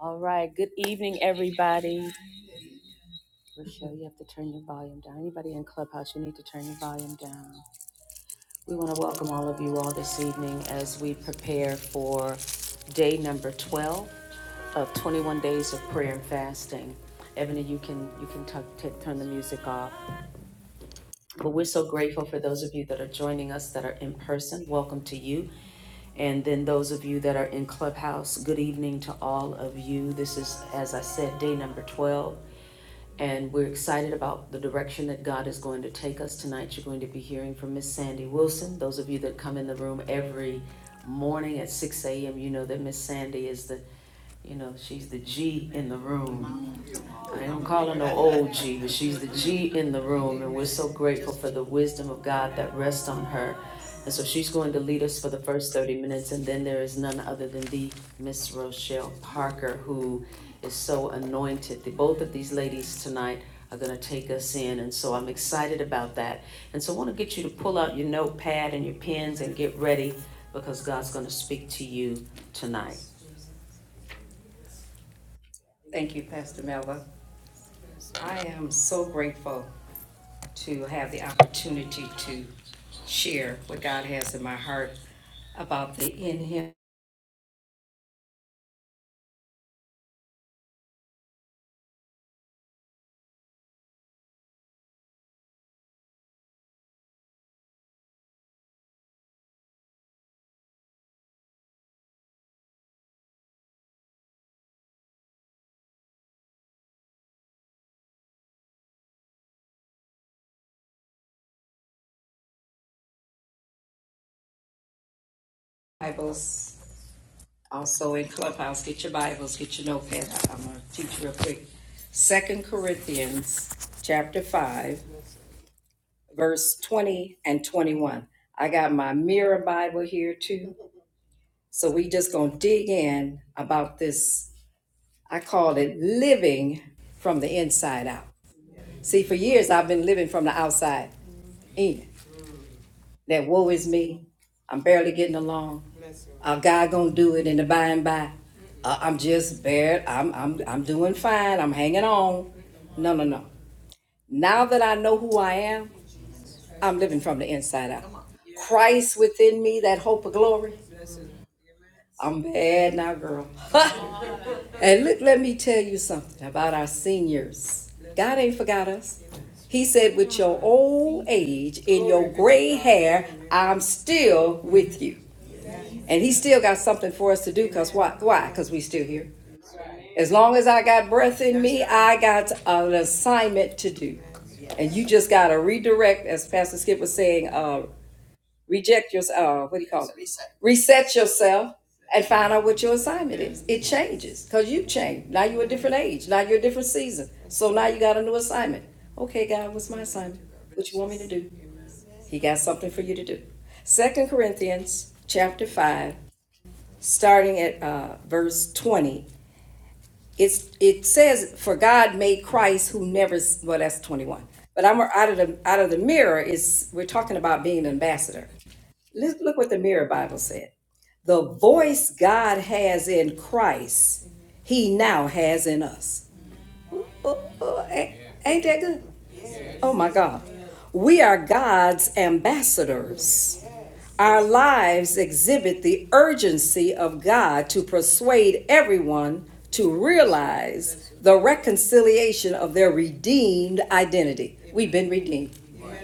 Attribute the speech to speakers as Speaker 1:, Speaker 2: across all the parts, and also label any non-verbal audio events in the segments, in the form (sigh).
Speaker 1: All right. Good evening, everybody. Rochelle, you have to turn your volume down. Anybody in Clubhouse, you need to turn your volume down. We want to welcome all of you all this evening as we prepare for day number 12 of 21 days of prayer and fasting. Ebony, you can you can tuck t- turn the music off. But we're so grateful for those of you that are joining us that are in person. Welcome to you. And then those of you that are in Clubhouse, good evening to all of you. This is, as I said, day number 12. And we're excited about the direction that God is going to take us tonight. You're going to be hearing from Miss Sandy Wilson. Those of you that come in the room every morning at 6 a.m., you know that Miss Sandy is the, you know, she's the G in the room. I don't call her no old G, but she's the G in the room, and we're so grateful for the wisdom of God that rests on her. And so she's going to lead us for the first 30 minutes, and then there is none other than the Miss Rochelle Parker, who is so anointed. The, both of these ladies tonight are going to take us in, and so I'm excited about that. And so I want to get you to pull out your notepad and your pens and get ready because God's going to speak to you tonight. So you have to share with God about the in Him Bibles also in Clubhouse. Get your Bibles, get your notepad. I'm going to teach real quick. Second Corinthians chapter 5, verse 20 and 21. I got my mirror Bible here too. So we just going to dig in about this. I called it living from the inside out. See, for years I've been living from the outside in. that woe is me. I'm barely getting along. Uh, God gonna do it in the by and by. Uh, I'm just bare. I'm I'm I'm doing fine. I'm hanging on. No, no, no. Now that I know who I am, I'm living from the inside out. Christ within me, that hope of glory. I'm bad now, girl. (laughs) and look, let me tell you something about our seniors. God ain't forgot us. He said, with your old age, in your gray hair, I'm still with you. And he still got something for us to do, cause why, why? Cause we still here. As long as I got breath in me, I got an assignment to do. And you just gotta redirect, as Pastor Skip was saying, uh, reject your, uh, what do you call it? Reset. Reset yourself and find out what your assignment is. It changes, cause you changed. Now you're a different age, now you're a different season. So now you got a new assignment. Okay, God, what's my assignment? What you want me to do? He got something for you to do. Second Corinthians, chapter five, starting at uh, verse 20. It's, it says, "For God made Christ who never," well, that's 21. But I'm out of the out of the mirror is we're talking about being an ambassador. Let's look what the Mirror Bible said. The voice God has in Christ, He now has in us. Ooh, ooh, ooh, ain't, ain't that good? Oh my God, we are God's ambassadors. Our lives exhibit the urgency of God to persuade everyone to realize the reconciliation of their redeemed identity. We've been redeemed.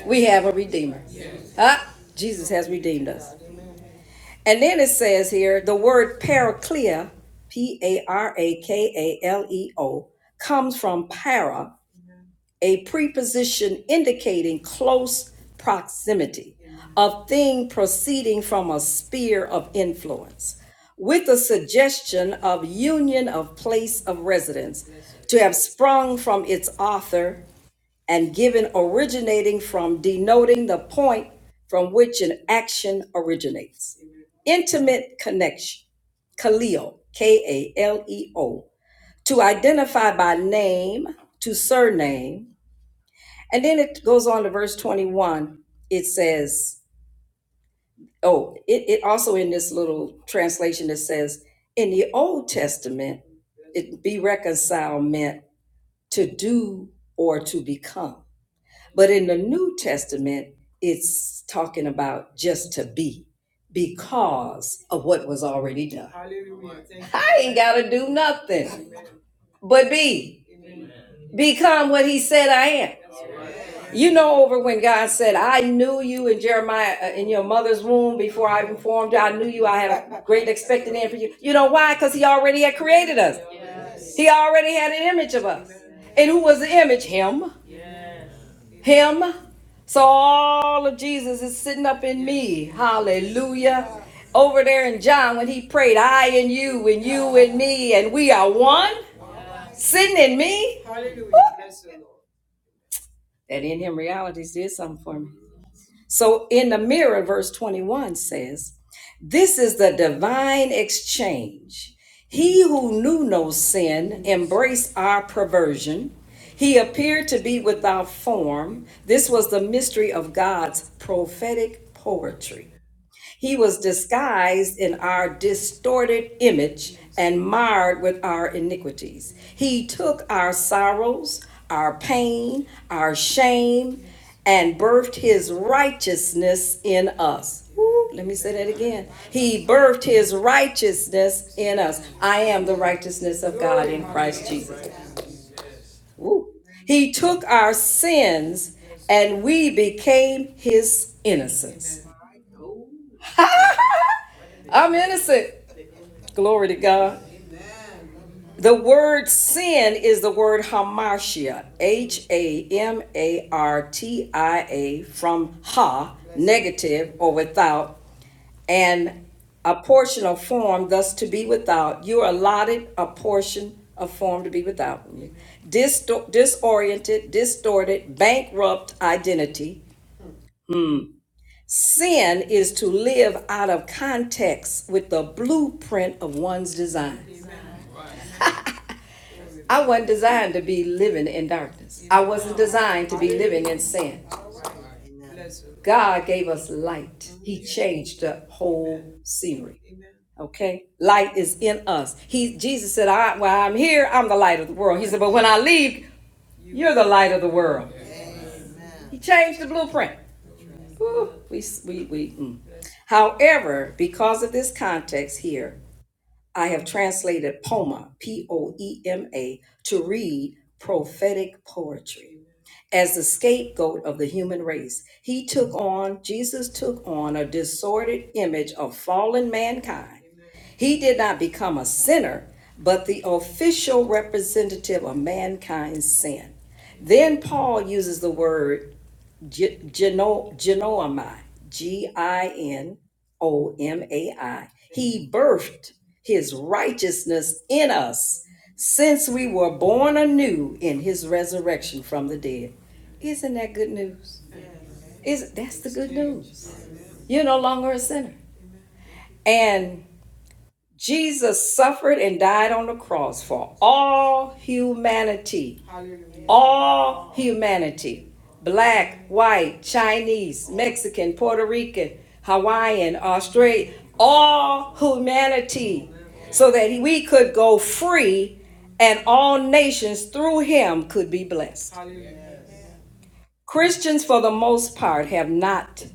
Speaker 1: We have a redeemer. Ah, Jesus has redeemed us. And then it says here the word parakleia, P A R A K A L E O, comes from para, a preposition indicating close proximity of thing proceeding from a sphere of influence with a suggestion of union of place of residence to have sprung from its author and given originating from denoting the point from which an action originates intimate connection kaleo k-a-l-e-o to identify by name to surname and then it goes on to verse 21. It says, oh, it, it also in this little translation, it says, in the Old Testament, it be reconciled meant to do or to become. But in the New Testament, it's talking about just to be because of what was already done. I ain't got to do nothing but be, become what he said I am. You know, over when God said, I knew you in Jeremiah, uh, in your mother's womb before I even formed you, I knew you, I had a great expected end for you. You know why? Because He already had created us, He already had an image of us. And who was the image? Him. Him. So all of Jesus is sitting up in me. Hallelujah. Over there in John, when he prayed, I and you, and you and me, and we are one, sitting in me. Woo! That in him realities did something for me. So in the mirror, verse 21 says, This is the divine exchange. He who knew no sin embraced our perversion. He appeared to be without form. This was the mystery of God's prophetic poetry. He was disguised in our distorted image and marred with our iniquities. He took our sorrows, our pain, our shame, and birthed his righteousness in us. Woo, let me say that again. He birthed his righteousness in us. I am the righteousness of God in Christ Jesus. Woo. He took our sins and we became his innocence. (laughs) I'm innocent. Glory to God. The word sin is the word hamartia, H A M A R T I A, from ha, negative or without, and a portion of form, thus to be without. You are allotted a portion of form to be without. Disto- disoriented, distorted, bankrupt identity. Sin is to live out of context with the blueprint of one's design. I wasn't designed to be living in darkness. I wasn't designed to be living in sin. God gave us light. He changed the whole scenery. Okay? Light is in us. He Jesus said, I while I'm here, I'm the light of the world. He said, but when I leave, you're the light of the world. He changed the blueprint. Woo, we, we, we, mm. However, because of this context here, I have translated Poma, P O E M A, to read prophetic poetry. As the scapegoat of the human race, he took on, Jesus took on a disordered image of fallen mankind. He did not become a sinner, but the official representative of mankind's sin. Then Paul uses the word Ge- Geno- Genoami, G I N O M A I. He birthed his righteousness in us since we were born anew in his resurrection from the dead. Isn't that good news? Is that's the good news. You're no longer a sinner. And Jesus suffered and died on the cross for all humanity all humanity black, white, Chinese, Mexican, Puerto Rican, Hawaiian, Australian, all humanity, so that we could go free and all nations through him could be blessed. Christians, for the most part, have not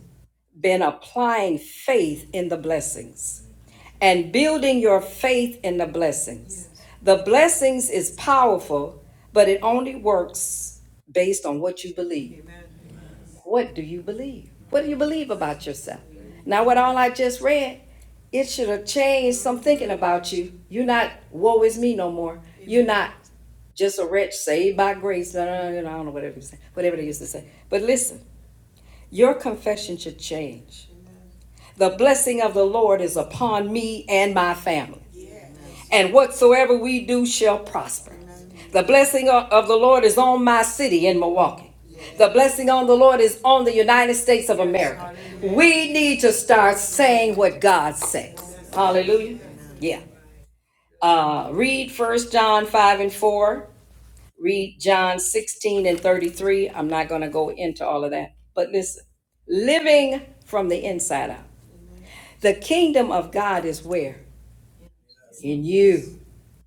Speaker 1: been applying faith in the blessings and building your faith in the blessings. Yes. The blessings is powerful, but it only works based on what you believe. Amen. What do you believe? What do you believe about yourself? Amen. Now, what all I just read, it should have changed some thinking about you. You're not woe is me no more. Amen. You're not just a wretch saved by grace. No, no, no, no, I don't know whatever you say, whatever they used to say. But listen, your confession should change. The blessing of the Lord is upon me and my family. and whatsoever we do shall prosper. The blessing of the Lord is on my city in Milwaukee. The blessing on the Lord is on the United States of America. We need to start saying what God says. Hallelujah. Yeah. Uh, read First John 5 and 4. Read John 16 and 33. I'm not going to go into all of that. But listen, living from the inside out. The kingdom of God is where? In you.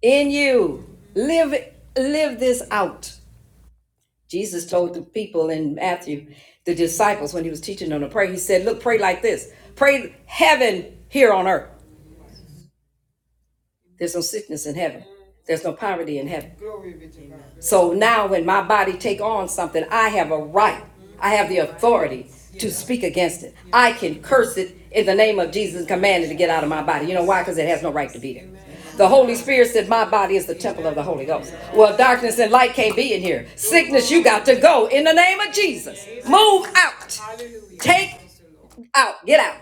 Speaker 1: in you. Live live this out. Jesus told the people in Matthew, the disciples, when he was teaching them to pray, he said, Look, pray like this. Pray heaven here on earth. There's no sickness in heaven. There's no poverty in heaven. So now when my body take on something, I have a right. I have the authority to speak against it. I can curse it in the name of Jesus and command it to get out of my body. You know why? Because it has no right to be there. The Holy Spirit said, My body is the temple of the Holy Ghost. Well, darkness and light can't be in here. Sickness, you got to go in the name of Jesus. Move out. Take out. Get out.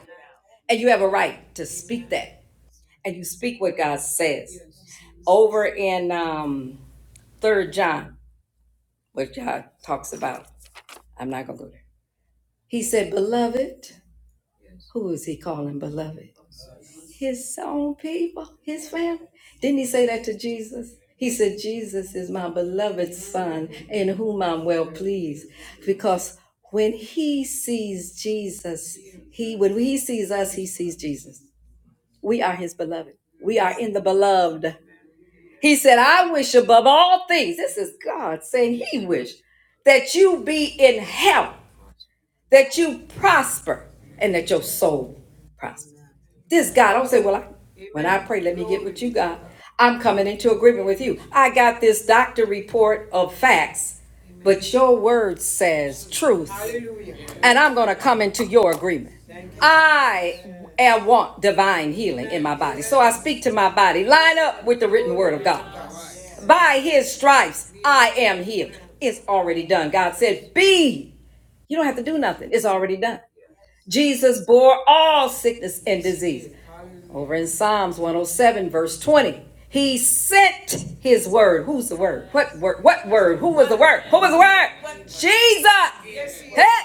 Speaker 1: And you have a right to speak that. And you speak what God says. Over in um, 3 John, where God talks about, I'm not going to go there. He said, Beloved, who is he calling beloved? His own people, his family. Didn't he say that to Jesus? He said, Jesus is my beloved son in whom I'm well pleased. Because when he sees Jesus, he when he sees us, he sees Jesus. We are his beloved. We are in the beloved. He said, I wish above all things, this is God saying he wished that you be in health." that you prosper and that your soul prosper. This God, don't say, Well, I, when I pray, let me get with you, God. I'm coming into agreement with you. I got this doctor report of facts, but your word says truth, and I'm going to come into your agreement. I I want divine healing in my body. So I speak to my body, line up with the written word of God. By his stripes, I am healed. It's already done. God said, Be you don't have to do nothing. It's already done. Jesus bore all sickness and disease. Over in Psalms 107, verse 20. He sent his word. Who's the word? What word? What word? Who was the word? Who was the word? Jesus. Heck.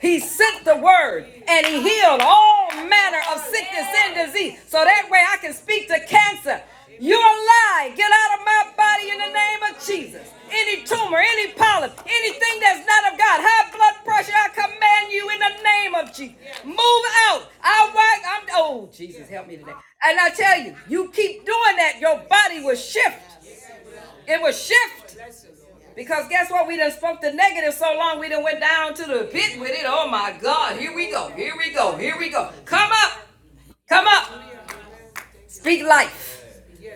Speaker 1: He sent the word and he healed all manner of sickness and disease. So that way I can speak to cancer. You're a lie. Get out of my body in the name of Jesus. Any tumor, any polyp, anything that's not of God, high blood pressure, I command you in the name of Jesus. Move out. I work. I'm oh Jesus, help me today. And I tell you, you keep doing that, your body will shift. It will shift. Because guess what? We done spoke the negative so long we done went down to the pit with it. Oh my God. Here we go. Here we go. Here we go. Come up. Come up. Speak life.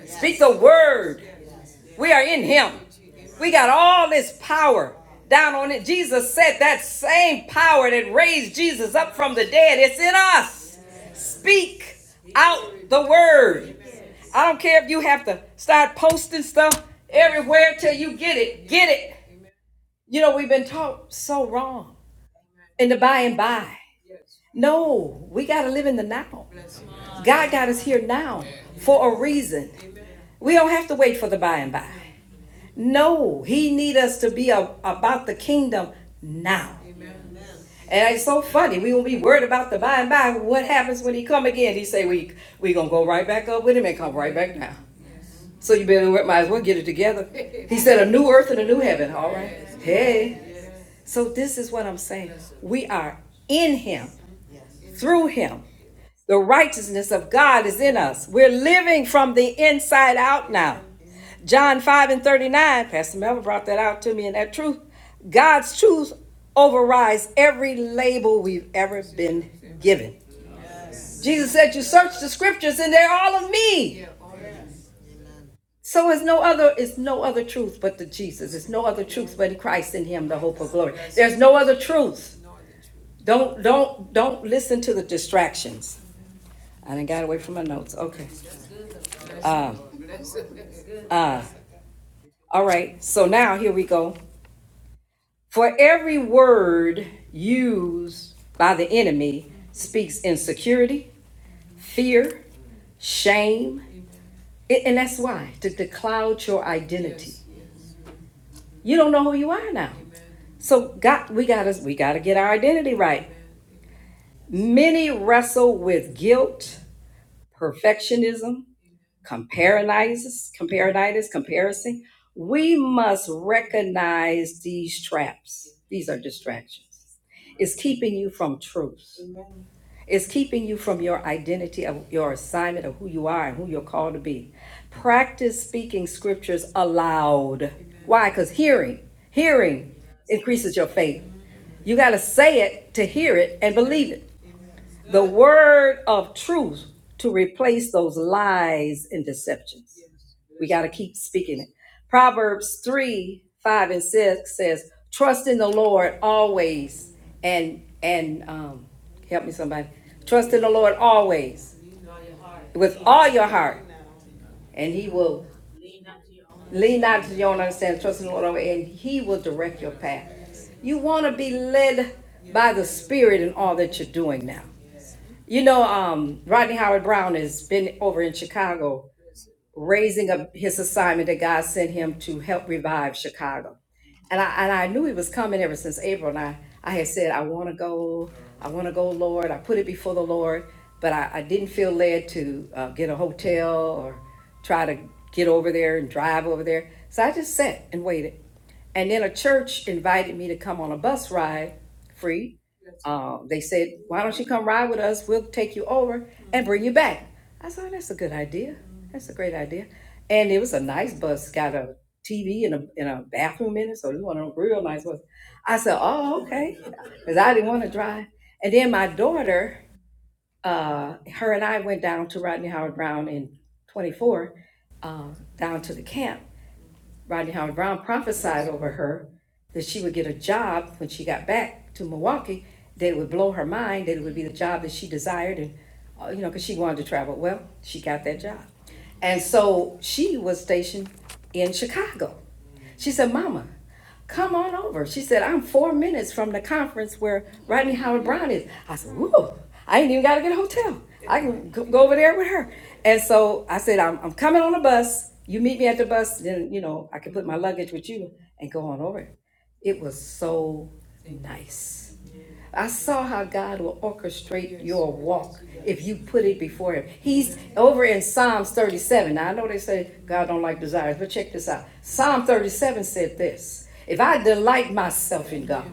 Speaker 1: Speak the word. We are in him. We got all this power down on it. Jesus said that same power that raised Jesus up from the dead, it's in us. Speak out the word. I don't care if you have to start posting stuff everywhere till you get it. Get it. You know, we've been taught so wrong in the by and by. No, we got to live in the now. God got us here now for a reason. We don't have to wait for the by and by. No, He need us to be a- about the kingdom now. And it's so funny. We won't be worried about the by and by. What happens when he come again? He say we we gonna go right back up with him and come right back down. So you better might as well get it together. He said a new earth and a new heaven. All right. Hey. So this is what I'm saying. We are in Him, through Him. The righteousness of God is in us. We're living from the inside out now. John 5 and 39, Pastor Melvin brought that out to me, and that truth, God's truth overrides every label we've ever been given. Jesus said, You search the scriptures and they're all of me. So it's no other, it's no other truth but the Jesus. It's no other truth but in Christ in Him, the hope of glory. There's no other truth. Don't don't don't listen to the distractions. I didn't got away from my notes. Okay. Uh uh. All right. So now here we go. For every word used by the enemy speaks insecurity, fear, shame, a- and that's why to, to cloud your identity. Yes. You don't know who you are now. So God, we gotta we gotta get our identity right. Many wrestle with guilt, perfectionism, comparisonitis, comparisonitis, comparison. We must recognize these traps. These are distractions. It's keeping you from truth. is keeping you from your identity of your assignment of who you are and who you're called to be. Practice speaking scriptures aloud. Amen. Why? Because hearing, hearing increases your faith. You got to say it to hear it and believe it. The word of truth to replace those lies and deceptions. We got to keep speaking it. Proverbs 3 5 and 6 says, Trust in the Lord always. And, and um, help me somebody. Trust in the Lord always with all your heart. And he will lean not to your own understanding. Trust in the Lord always. And he will direct your path. You want to be led by the Spirit in all that you're doing now. You know, um, Rodney Howard Brown has been over in Chicago raising up his assignment that God sent him to help revive Chicago. And I and I knew he was coming ever since April. And I, I had said, I want to go, I want to go, Lord. I put it before the Lord, but I, I didn't feel led to uh, get a hotel or try to get over there and drive over there. So I just sat and waited. And then a church invited me to come on a bus ride free uh, they said, why don't you come ride with us? We'll take you over and bring you back. I said, "Oh, that's a good idea. That's a great idea. And it was a nice bus, got a TV and a, and a bathroom in it. So it was one of them real nice ones. I said, oh, okay. (laughs) Because I didn't want to drive. And then my daughter, uh, her and I went down to Rodney Howard Brown in 24, uh, down to the camp Rodney Howard Brown prophesied over her that she would get a job when she got back to Milwaukee, that it would blow her mind, that it would be the job that she desired, and, uh, you know, because she wanted to travel. Well, she got that job. And so she was stationed in Chicago. She said, Mama, come on over. She said, I'm four minutes from the conference where Rodney Howard Brown is. I said, Whoa, I ain't even got to get a hotel. I can go over there with her. And so I said, I'm, I'm coming on the bus. You meet me at the bus, then, you know, I can put my luggage with you and go on over. It was so nice. I saw how God will orchestrate your walk if you put it before Him. He's over in Psalms 37. Now, I know they say God don't like desires, but check this out. Psalm 37 said this If I delight myself in God,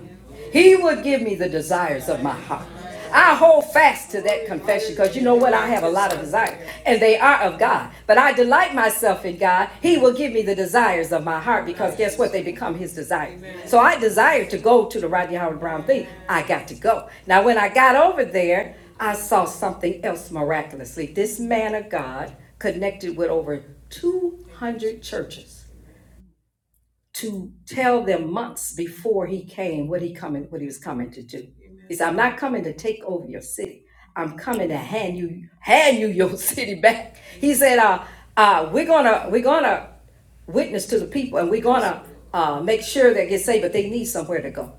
Speaker 1: He will give me the desires of my heart. I hold fast to that confession because you know what? I have a lot of desires, and they are of God. But I delight myself in God. He will give me the desires of my heart because guess what? They become His desires. So I desire to go to the Rodney Howard Brown thing. I got to go. Now, when I got over there, I saw something else miraculously. This man of God connected with over 200 churches to tell them months before he came what he coming what he was coming to do. He said, "I'm not coming to take over your city. I'm coming to hand you hand you your (laughs) city back." He said, "Uh, uh, we're gonna we're gonna witness to the people, and we're gonna uh, make sure they get saved, but they need somewhere to go.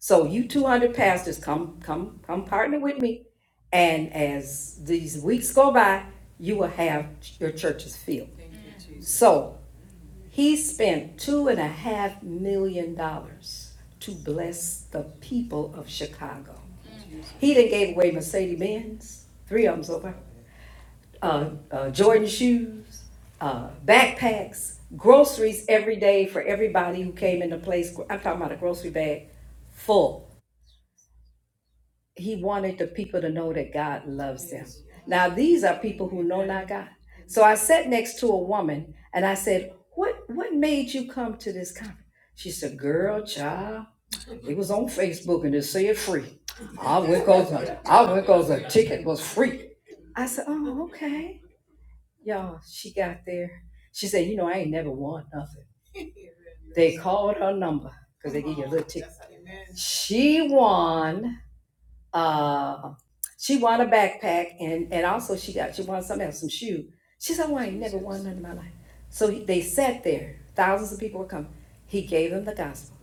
Speaker 1: So you 200 pastors, come come come partner with me, and as these weeks go by, you will have your churches filled. So." He spent two and a half million dollars to bless the people of Chicago. He done gave away Mercedes Benz, three of them so far, uh, uh, Jordan shoes, uh, backpacks, groceries every day for everybody who came into place. I'm talking about a grocery bag full he wanted the people to know that God loves them. Now, these are people who know not God. So I sat next to a woman and I said, What what made you come to this conference? She said, Girl, child, it was on Facebook and it said free. I went because I went because the ticket was free. I said, Oh, okay. Y'all, she got there. She said, You know, I ain't never won nothing. They called her number because they give you a little ticket. She won uh, she won a backpack and and also she got she won something else, some shoe. She said, "Well, I ain't never won none in my life." So he, they sat there. Thousands of people were coming. He gave them the gospel,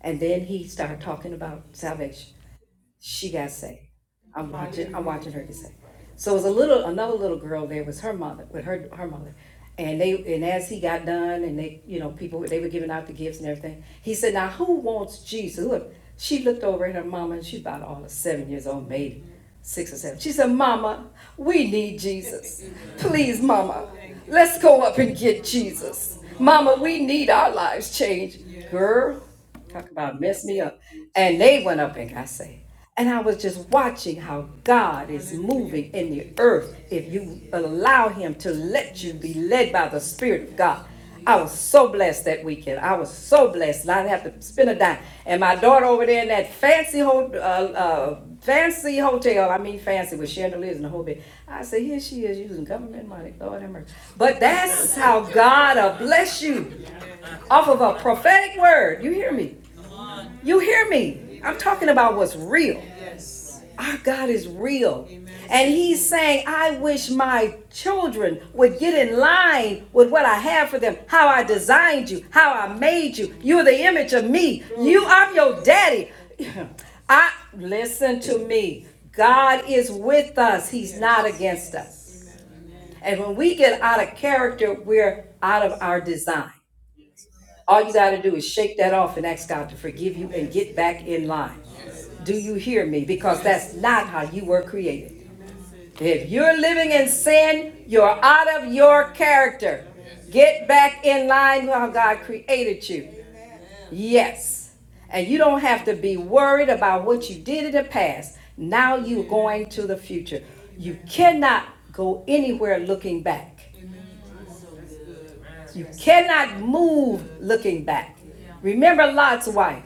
Speaker 1: and then he started talking about salvation she got saved. I'm watching. I'm watching her get saved. So it was a little another little girl there was her mother with her her mother, and they and as he got done and they you know people they were giving out the gifts and everything. He said, "Now who wants Jesus?" Look, she looked over at her mama and she's about all of seven years old, maybe six or seven. She said, "Mama, we need Jesus. Please, Mama, let's go up and get Jesus. Mama, we need our lives changed." Girl, about messed me up. And they went up and got saved. And I was just watching how God is moving in the earth if you allow Him to let you be led by the Spirit of God. I was so blessed that weekend. I was so blessed. I didn't have to spend a dime. And my daughter over there in that fancy ho- uh, uh, fancy hotel, I mean fancy with chandeliers and the whole bit. I said, here she is using government money. Lord have mercy. But that's how God will bless you off of a prophetic word. You hear me? You hear me? I'm talking about what's real. Our God is real. And He's saying, I wish my children would get in line with what I have for them, how I designed you, how I made you. You're the image of me. You, I'm your daddy. (clears throat) I listen to me. God is with us. He's not against us. And when we get out of character, we're out of our design. All you got to do is shake that off and ask God to forgive you and get back in line. Do you hear me? Because that's not how you were created. If you're living in sin, you're out of your character. Get back in line with how God created you. Yes. And you don't have to be worried about what you did in the past. Now you're going to the future. You cannot go anywhere looking back. You cannot move looking back. Remember Lot's wife.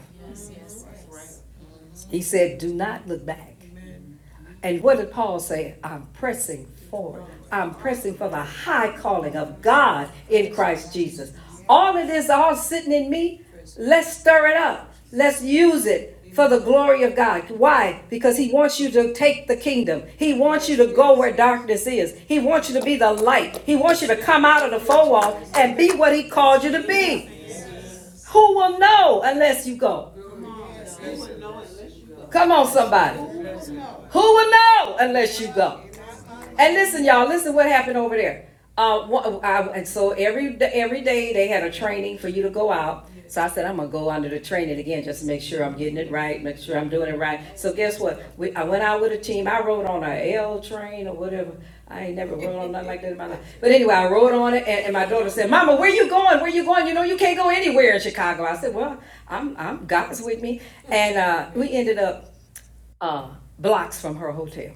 Speaker 1: He said, Do not look back. And what did Paul say? I'm pressing forward. I'm pressing for the high calling of God in Christ Jesus. All of this, all sitting in me, let's stir it up. Let's use it for the glory of God. Why? Because He wants you to take the kingdom. He wants you to go where darkness is. He wants you to be the light. He wants you to come out of the four walls and be what He called you to be. Who will know unless you go? Come on, somebody. Who will know unless you go? And listen, y'all, listen what happened over there. Uh, one, I, and so every every day they had a training for you to go out. So I said I'm gonna go under the training again just to make sure I'm getting it right, make sure I'm doing it right. So guess what? We, I went out with a team. I rode on a L train or whatever. I ain't never rode on nothing like that in my life. But anyway, I rode on it, and, and my daughter said, "Mama, where you going? Where you going? You know you can't go anywhere in Chicago." I said, "Well, I'm I'm God's with me," and uh, we ended up uh, blocks from her hotel.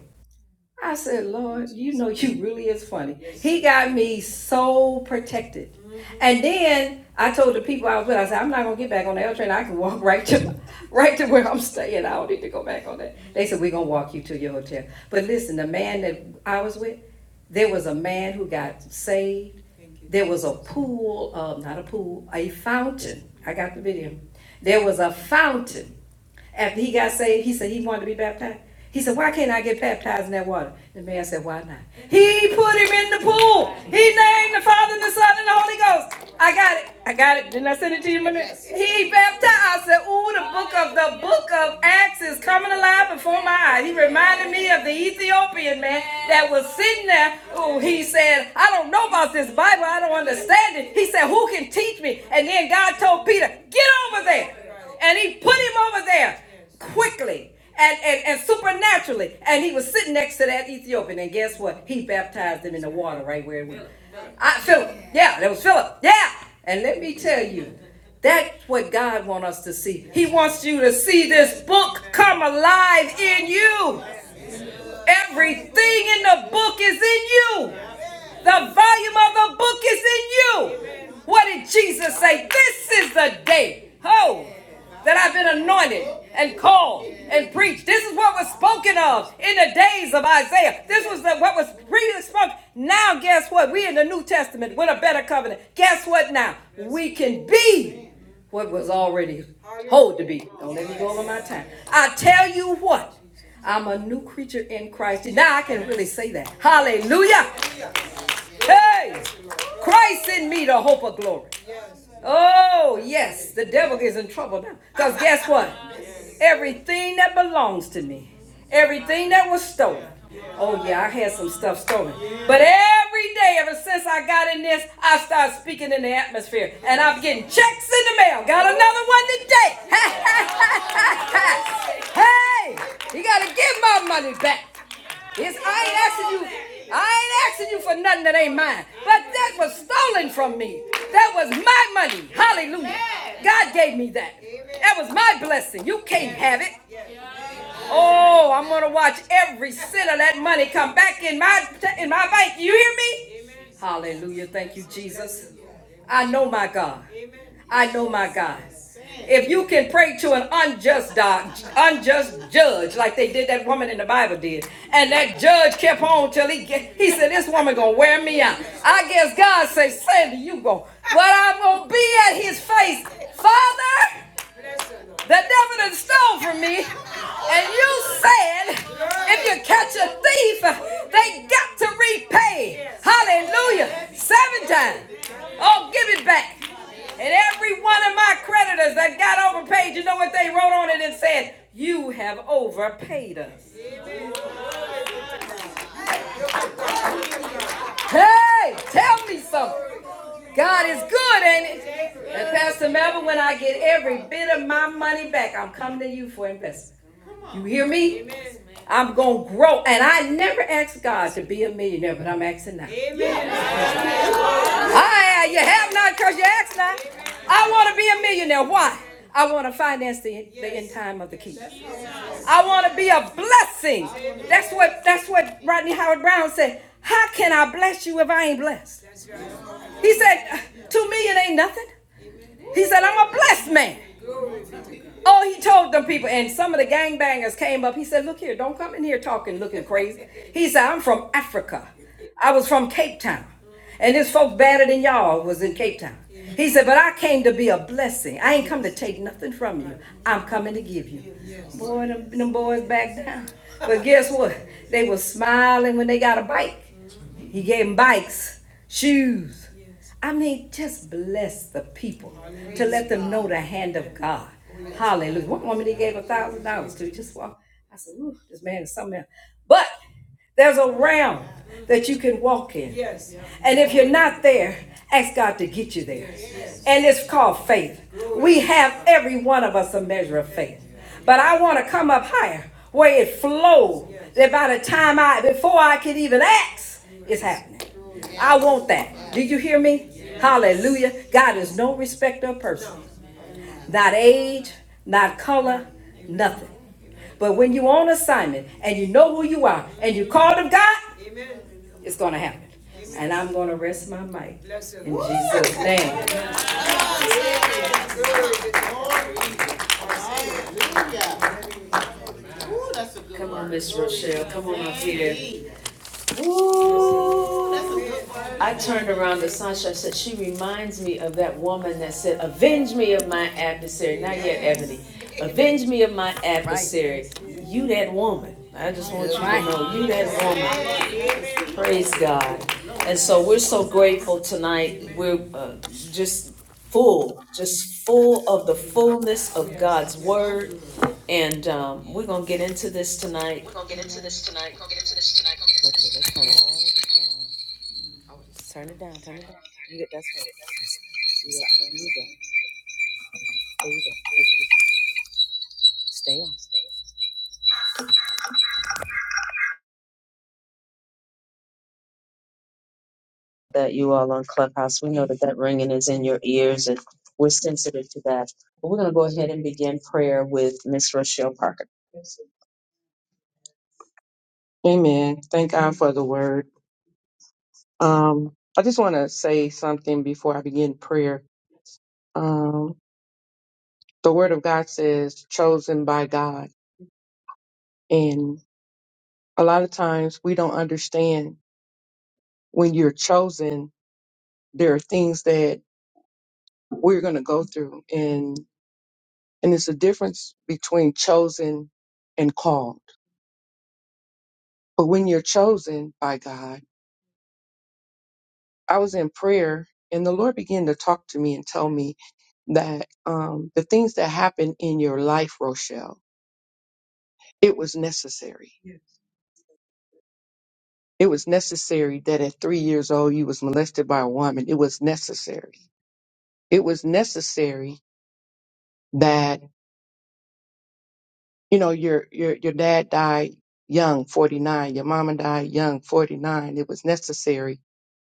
Speaker 1: I said, Lord, you know you really is funny. He got me so protected. And then I told the people I was with, I said, I'm not gonna get back on the L train. I can walk (laughs) right to right to where I'm staying. I don't need to go back on that. They said, We're gonna walk you to your hotel. But listen, the man that I was with, there was a man who got saved. There was a pool, uh, not a pool, a fountain. I got the video. There was a fountain after he got saved, he said he wanted to be baptized. He said, Why can't I get baptized in that water? The man said, Why not? He put him in the pool. He named the Father and the Son and the Holy Ghost. I got it. I got it. Didn't I send it to you, Mother? He baptized. I said, Ooh, the book of the book of Acts is coming alive before my eyes. He reminded me of the Ethiopian man that was sitting there. Ooh, he said, I don't know about this Bible. I don't understand it. He said, Who can teach me? And then God told Peter, Get over there and he put him over there quickly and, and, and supernaturally. And he was sitting next to that Ethiopian, and guess what? He baptized him in the water right where it was. I, Philip, yeah, that was Philip, yeah. And let me tell you, that's what God wants us to see. He wants you to see this book come alive in you. Everything in the book is in you. The volume of the book is in you. Amen. What did Jesus say? This is the day, oh, that I've been anointed and called and preached. This is what was spoken of in the days of Isaiah. This was the, what was really spoken. Now, guess what? We in the New Testament with a better covenant. Guess what? Now we can be what was already told to be. Don't let me go over my time. I tell you what, I'm a new creature in Christ. Now I can really say that. Hallelujah. Hey! Christ in me, the hope of glory. Oh, yes, the devil is in trouble now. Because guess what? Everything that belongs to me, everything that was stolen. Oh, yeah, I had some stuff stolen. But every day, ever since I got in this, I start speaking in the atmosphere. And I'm getting checks in the mail. Got another one today. (laughs) hey, you got to give my money back. It's, I ain't asking you. I ain't asking you for nothing that ain't mine. But that was stolen from me. That was my money. Hallelujah. God gave me that. That was my blessing. You can't have it. Oh, I'm gonna watch every cent of that money come back in my in my bank. You hear me? Amen. Hallelujah. Thank you, Jesus. I know my God. I know my God. If you can pray to an unjust doc, unjust judge, like they did that woman in the Bible did, and that judge kept on till he get, he said, "This woman gonna wear me out." I guess God say, "Sandy, you go." But I'm gonna be at His face, Father the devil done stole from me. And you said, if you catch a thief, they got to repay. Hallelujah. Seven times. Oh, give it back. And every one of my creditors that got overpaid, you know what they wrote on it and said, you have overpaid us. Hey, tell me something. God is good, ain't it? And Pastor Melvin, when I get every bit of my money back, I'm coming to you for investment. You hear me? Amen. I'm gonna grow, and I never asked God to be a millionaire, but I'm asking now. Amen. I you have not because you asked not. Amen. I want to be a millionaire. Why? I want to finance the, yes. the end time of the kingdom. I want to be a blessing. Amen. That's what that's what Rodney Howard Brown said. How can I bless you if I ain't blessed? He said, two million ain't nothing. He said, I'm a blessed man. Oh, he told them people, and some of the gangbangers came up. He said, Look here, don't come in here talking, looking crazy. He said, I'm from Africa. I was from Cape Town. And this folk better than y'all was in Cape Town. He said, But I came to be a blessing. I ain't come to take nothing from you. I'm coming to give you. Boy, them, them boys backed down. But guess what? They were smiling when they got a bike. He gave them bikes, shoes. Yes. I mean, just bless the people Hallelujah. to let them know the hand of God. Hallelujah. Hallelujah. One woman he gave a thousand dollars to just walk. I said, Ooh, this man is something else. But there's a realm that you can walk in and if you're not there, ask God to get you there. And it's called faith. We have every one of us a measure of faith. But I want to come up higher where it flowed. That by the time I, before I can even ask, it's happening. I want that. Do you hear me? Hallelujah. God is no respecter of person, not age, not color, nothing. But when you are on assignment and you know who you are and you called of God, it's gonna happen. And I'm gonna rest my mic in Jesus' name. Come on, Miss Rochelle, come on up here. Ooh. I turned around to Sasha, I said, she reminds me of that woman that said, avenge me of my adversary, not yet Ebony. Avenge me of my adversary. You that woman. I just want you to know, you that woman. Praise God. And so we're so grateful tonight. We're uh, just full, just full of the fullness of God's word. And um, we're going to get into this tonight. We're going to get into this tonight. We're going to get into this tonight.
Speaker 2: that you all on Clubhouse. We know that that ringing is in your ears, and we're sensitive to that. But we're going to go ahead and begin prayer with Miss Rochelle Parker. Amen. Thank God for the word. Um, I just want to say something before I begin prayer. Um, the word of God says, chosen by God. And a lot of times we don't understand when you're chosen, there are things that we're going to go through. And, and it's a difference between chosen and called. But when you're chosen by God, I was in prayer and the Lord began to talk to me and tell me that um, the things that happened in your life, Rochelle, it was necessary. Yes. It was necessary that at three years old you was molested by a woman. It was necessary. It was necessary that you know your your your dad died young 49 your mama died young 49 it was necessary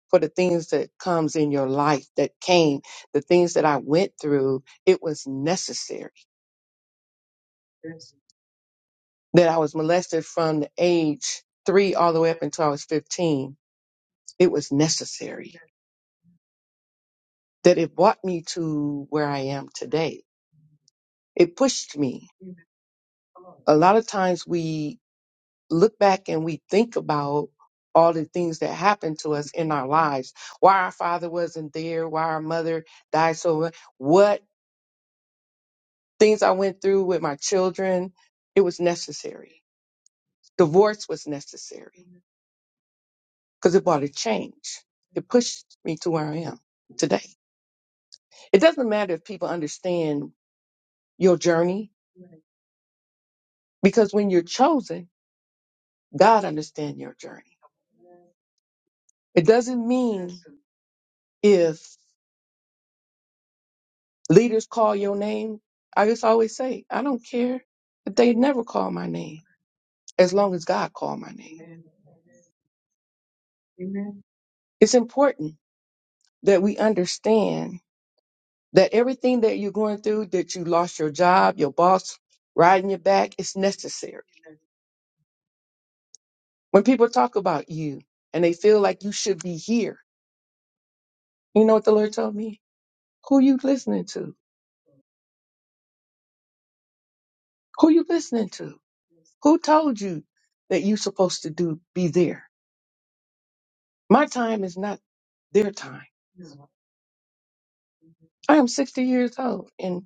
Speaker 2: for the things that comes in your life that came the things that i went through it was necessary that i was molested from the age 3 all the way up until i was 15 it was necessary that it brought me to where i am today it pushed me a lot of times we. look back and we think about all the things that happened to us in our lives, why our father wasn't there, why our mother died so mu- what things I went through with my children, it was necessary. Divorce was necessary because it brought a change. It pushed me to where I am today. It doesn't matter if people understand your journey because when you're chosen, God understands your journey. It doesn't mean if Leaders call your name. I just always say, I don't care if they never call my name, as long as God call my name. Amen. It's important that we understand that everything that you're going through, that you lost your job, your boss riding your back, it's necessary. When people talk about you and they feel like you should be here, you know what the Lord told me? Who you listening to? Who you listening to? Who told you that you're supposed to do be there? My time is not their time. I am 60 years old and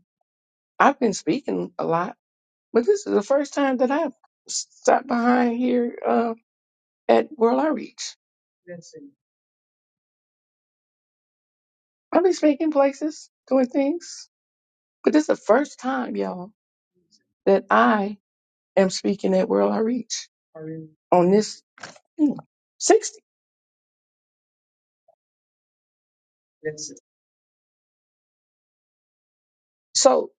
Speaker 2: I've been speaking a lot, but this is the first time that I've sat behind here uh, at World Outreach. I've been speaking places, doing things, but this is the first time, y'all, that I am speaking at World Outreach on this thing. 60. So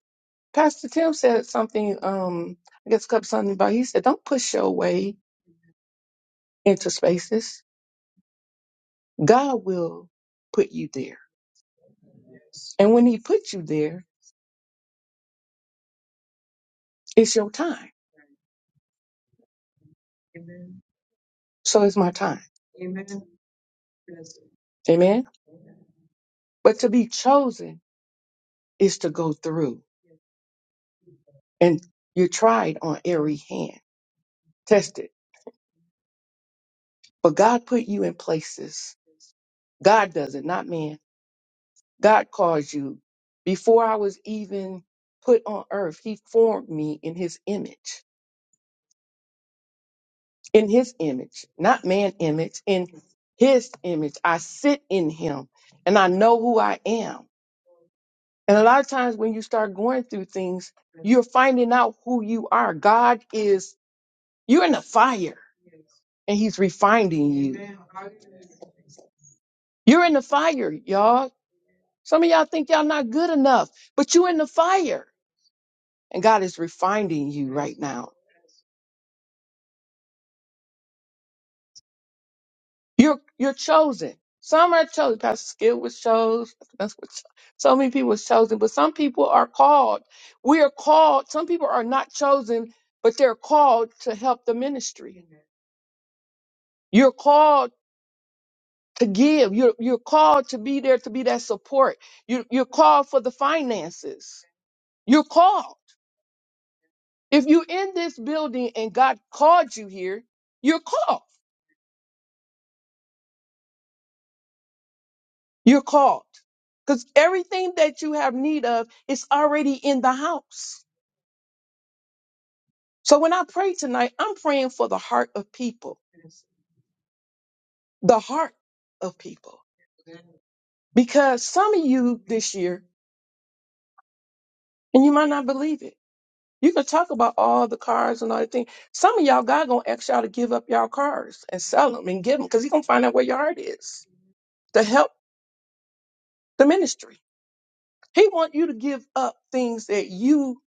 Speaker 2: Pastor Tim said something, um, I guess a couple something about he said, don't push your way into spaces God will put you there. And when he puts you there, it's your time. So it's my time. Amen. But to be chosen is to go through and you're tried on every hand, tested. But God put you in places. God does it, not man. God calls you. Before I was even put on earth, he formed me in his image. in his image, not man image, in his image. I sit in him and I know who I am. And a lot of times when you start going through things, you're finding out who you are. God is, you're in the fire and he's refining you. You're in the fire, y'all. Some of y'all think y'all not good enough, but you're in the fire and God is refining you right now. You're you're chosen. Some are chosen. Pastor Skill was chosen. That's what cho- so many people was chosen, but some people are called. We are called. Some people are not chosen, but they're called to help the ministry. Amen. You're called to give. You're you're called to be there to be that support. You you're called for the finances. You're called. If you're in this building and God called you here, you're called. You're called. Because everything that you have need of is already in the house. So when I pray tonight, I'm praying for the heart of people, the heart of people. Because some of you this year, and you might not believe it, you can talk about all the cars and all the things. Some of y'all, God gonna ask y'all to give up y'all cars and sell them and give them because He gonna find out where your heart is to help the ministry. He wants you to give up things that you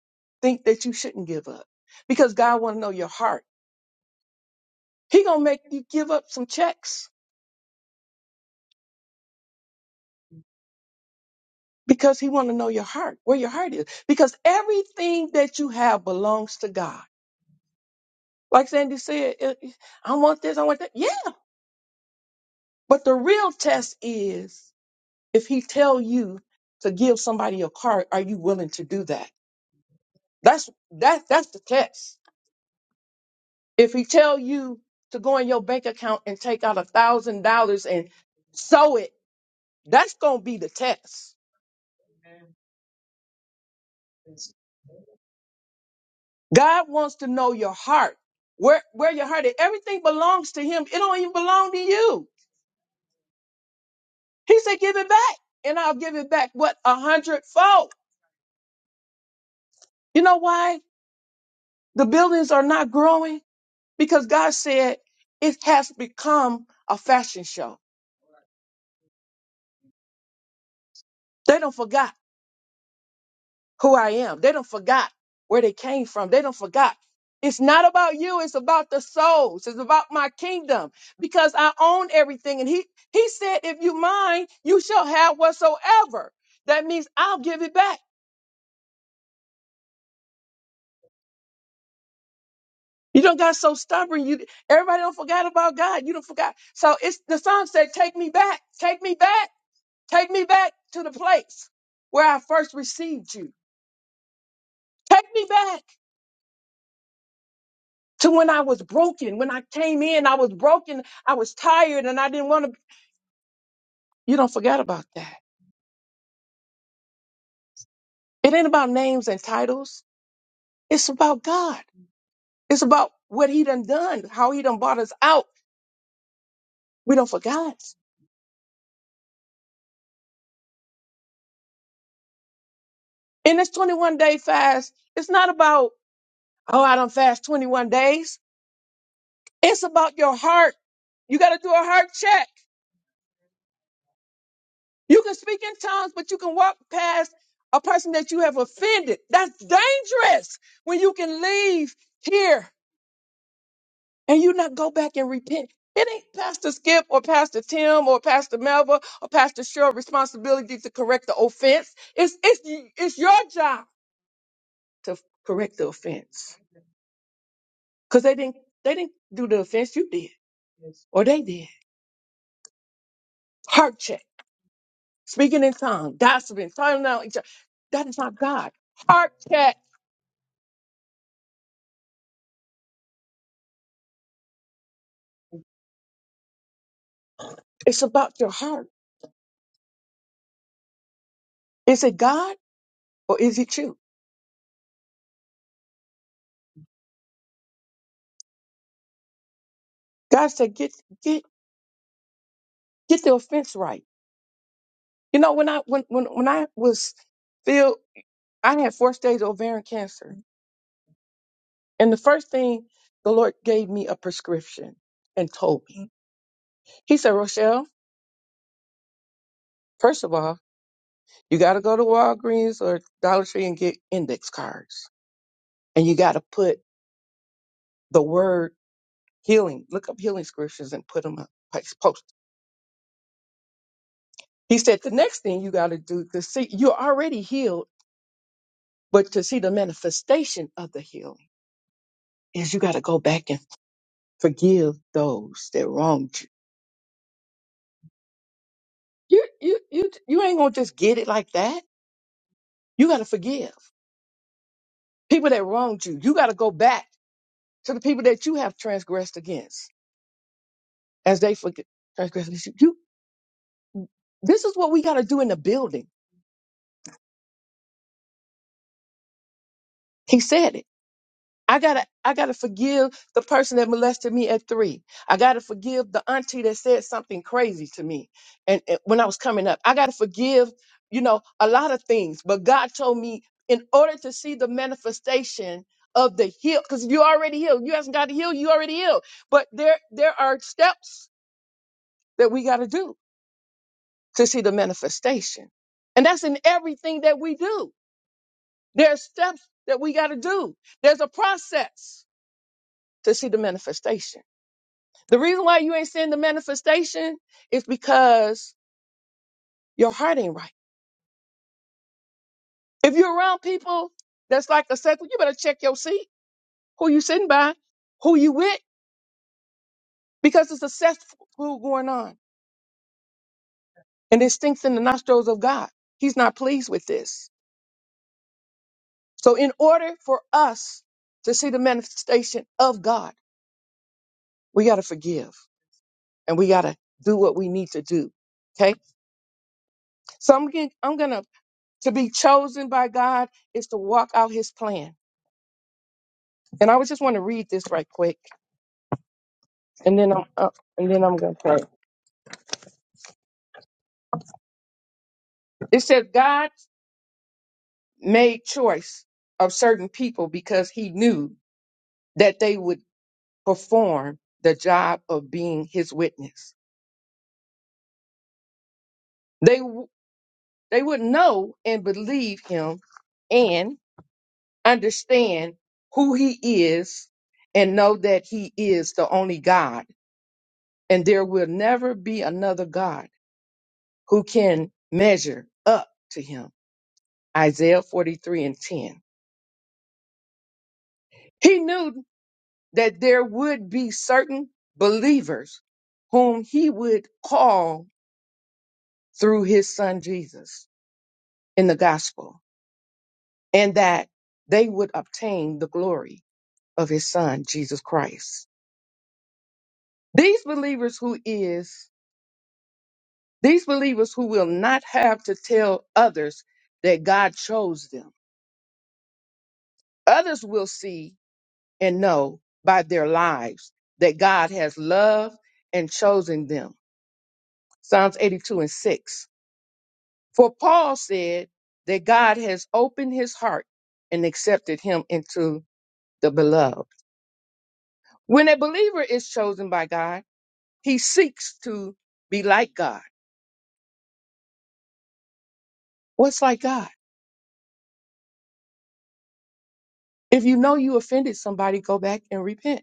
Speaker 2: think that you shouldn't give up because God want to know your heart. He going to make you give up some checks because he want to know your heart, where your heart is, because everything that you have belongs to God. Like Sandy said, eh, eh, I want this, I want that. Yeah. But the real test is if he tell you to give somebody a card, are you willing to do that? That's, that, that's the test. If he tell you to go in your bank account and take out a thousand dollars and sow it, that's gonna be the test. God wants to know your heart, where where your heart is. Everything belongs to Him. It don't even belong to you. He said, "Give it back, and I'll give it back what a hundredfold." You know why the buildings are not growing? Because God said it has become a fashion show. They don't forgot. who I am. They don't forgot where they came from. They don't forgot. It's not about you. It's about the souls. It's about my kingdom because I own everything. And he, he said, if you mine, you shall have whatsoever. That means I'll give it back. You don't got so stubborn. You, everybody don't forgot about God. You don't forgot. So it's the Psalm said, take me back, take me back, take me back to the place where I first received you. Take me back. to when I was broken. When I came in, I was broken. I was tired and I didn't want to. You don't forget about that. It ain't about names and titles. It's about God. It's about what he done done, how he done brought us out. We don't forget. In this 21 day fast, it's not about, oh, I don't fast 21 days. It's about your heart. You got to do a heart check. You can speak in tongues, but you can walk past a person that you have offended. That's dangerous when you can leave here and you not go back and repent. It ain't Pastor Skip or Pastor Tim or Pastor Melva or Pastor Cheryl's responsibility to correct the offense. It's it's it's your job to correct the offense because they didn't they didn't do the offense you did or they did. Heart check, speaking in tongues, gossiping, turning down each other. That is not God. Heart check. It's about your heart. Is it God or is it you? God said, get get get the offense right. You know when I when when when I was filled I had four stage ovarian cancer. And the first thing the Lord gave me a prescription and told me. He said, Rochelle, first of all, you got to go to Walgreens or Dollar Tree and get index cards. And you got to put the word healing, look up healing scriptures and put them up, like post. He said, the next thing you got to do to see, you're already healed, but to see the manifestation of the healing is you got to go back and forgive those that wronged you. You, you, you, you ain't going to just get it like that You got to forgive people that wronged you. You got to go back to the people that you have transgressed against as they forg transgress against you. you. This is what we got to do in the building. He said it. I gotta, I gotta forgive the person that molested me at three. I gotta forgive the auntie that said something crazy to me, and, and when I was coming up, I gotta forgive, you know, a lot of things. But God told me in order to see the manifestation of the heal, because you already healed. You hasn't got to heal. You already healed. But there, there are steps that we gotta do to see the manifestation, and that's in everything that we do. There are steps that we gotta do. There's a process to see the manifestation. The reason why you ain't seeing the manifestation is because your heart ain't right. If you're around people that's like a sex, you better check your seat, who you sitting by, who you with, because it's a sex food going on. And it stinks in the nostrils of God. He's not pleased with this. So in order for us to see the manifestation of God, we got to forgive and we got to do what we need to do. Okay. So I'm, getting, I'm going to, to be chosen by God is to walk out his plan And I was just want to read this right quick, and then I'm uh, and then I'm gonna pray. It says God made choice of certain people because He knew that they would perform the job of being His witness. They w- they would know and believe Him and understand who He is and know that He is the only God, and there will never be another God who can measure up to Him. Isaiah 43 and 10 He knew that there would be certain believers whom he would call through his son Jesus in the gospel, and that they would obtain the glory of his son Jesus Christ. These believers who is, these believers who will not have to tell others that God chose them. Others will see and know by their lives that God has loved and chosen them. Psalms 82 and 6 For Paul said that God has opened his heart and accepted him into the beloved. When a believer is chosen by God, he seeks to be like God. What's like God? If you know you offended somebody, go back and repent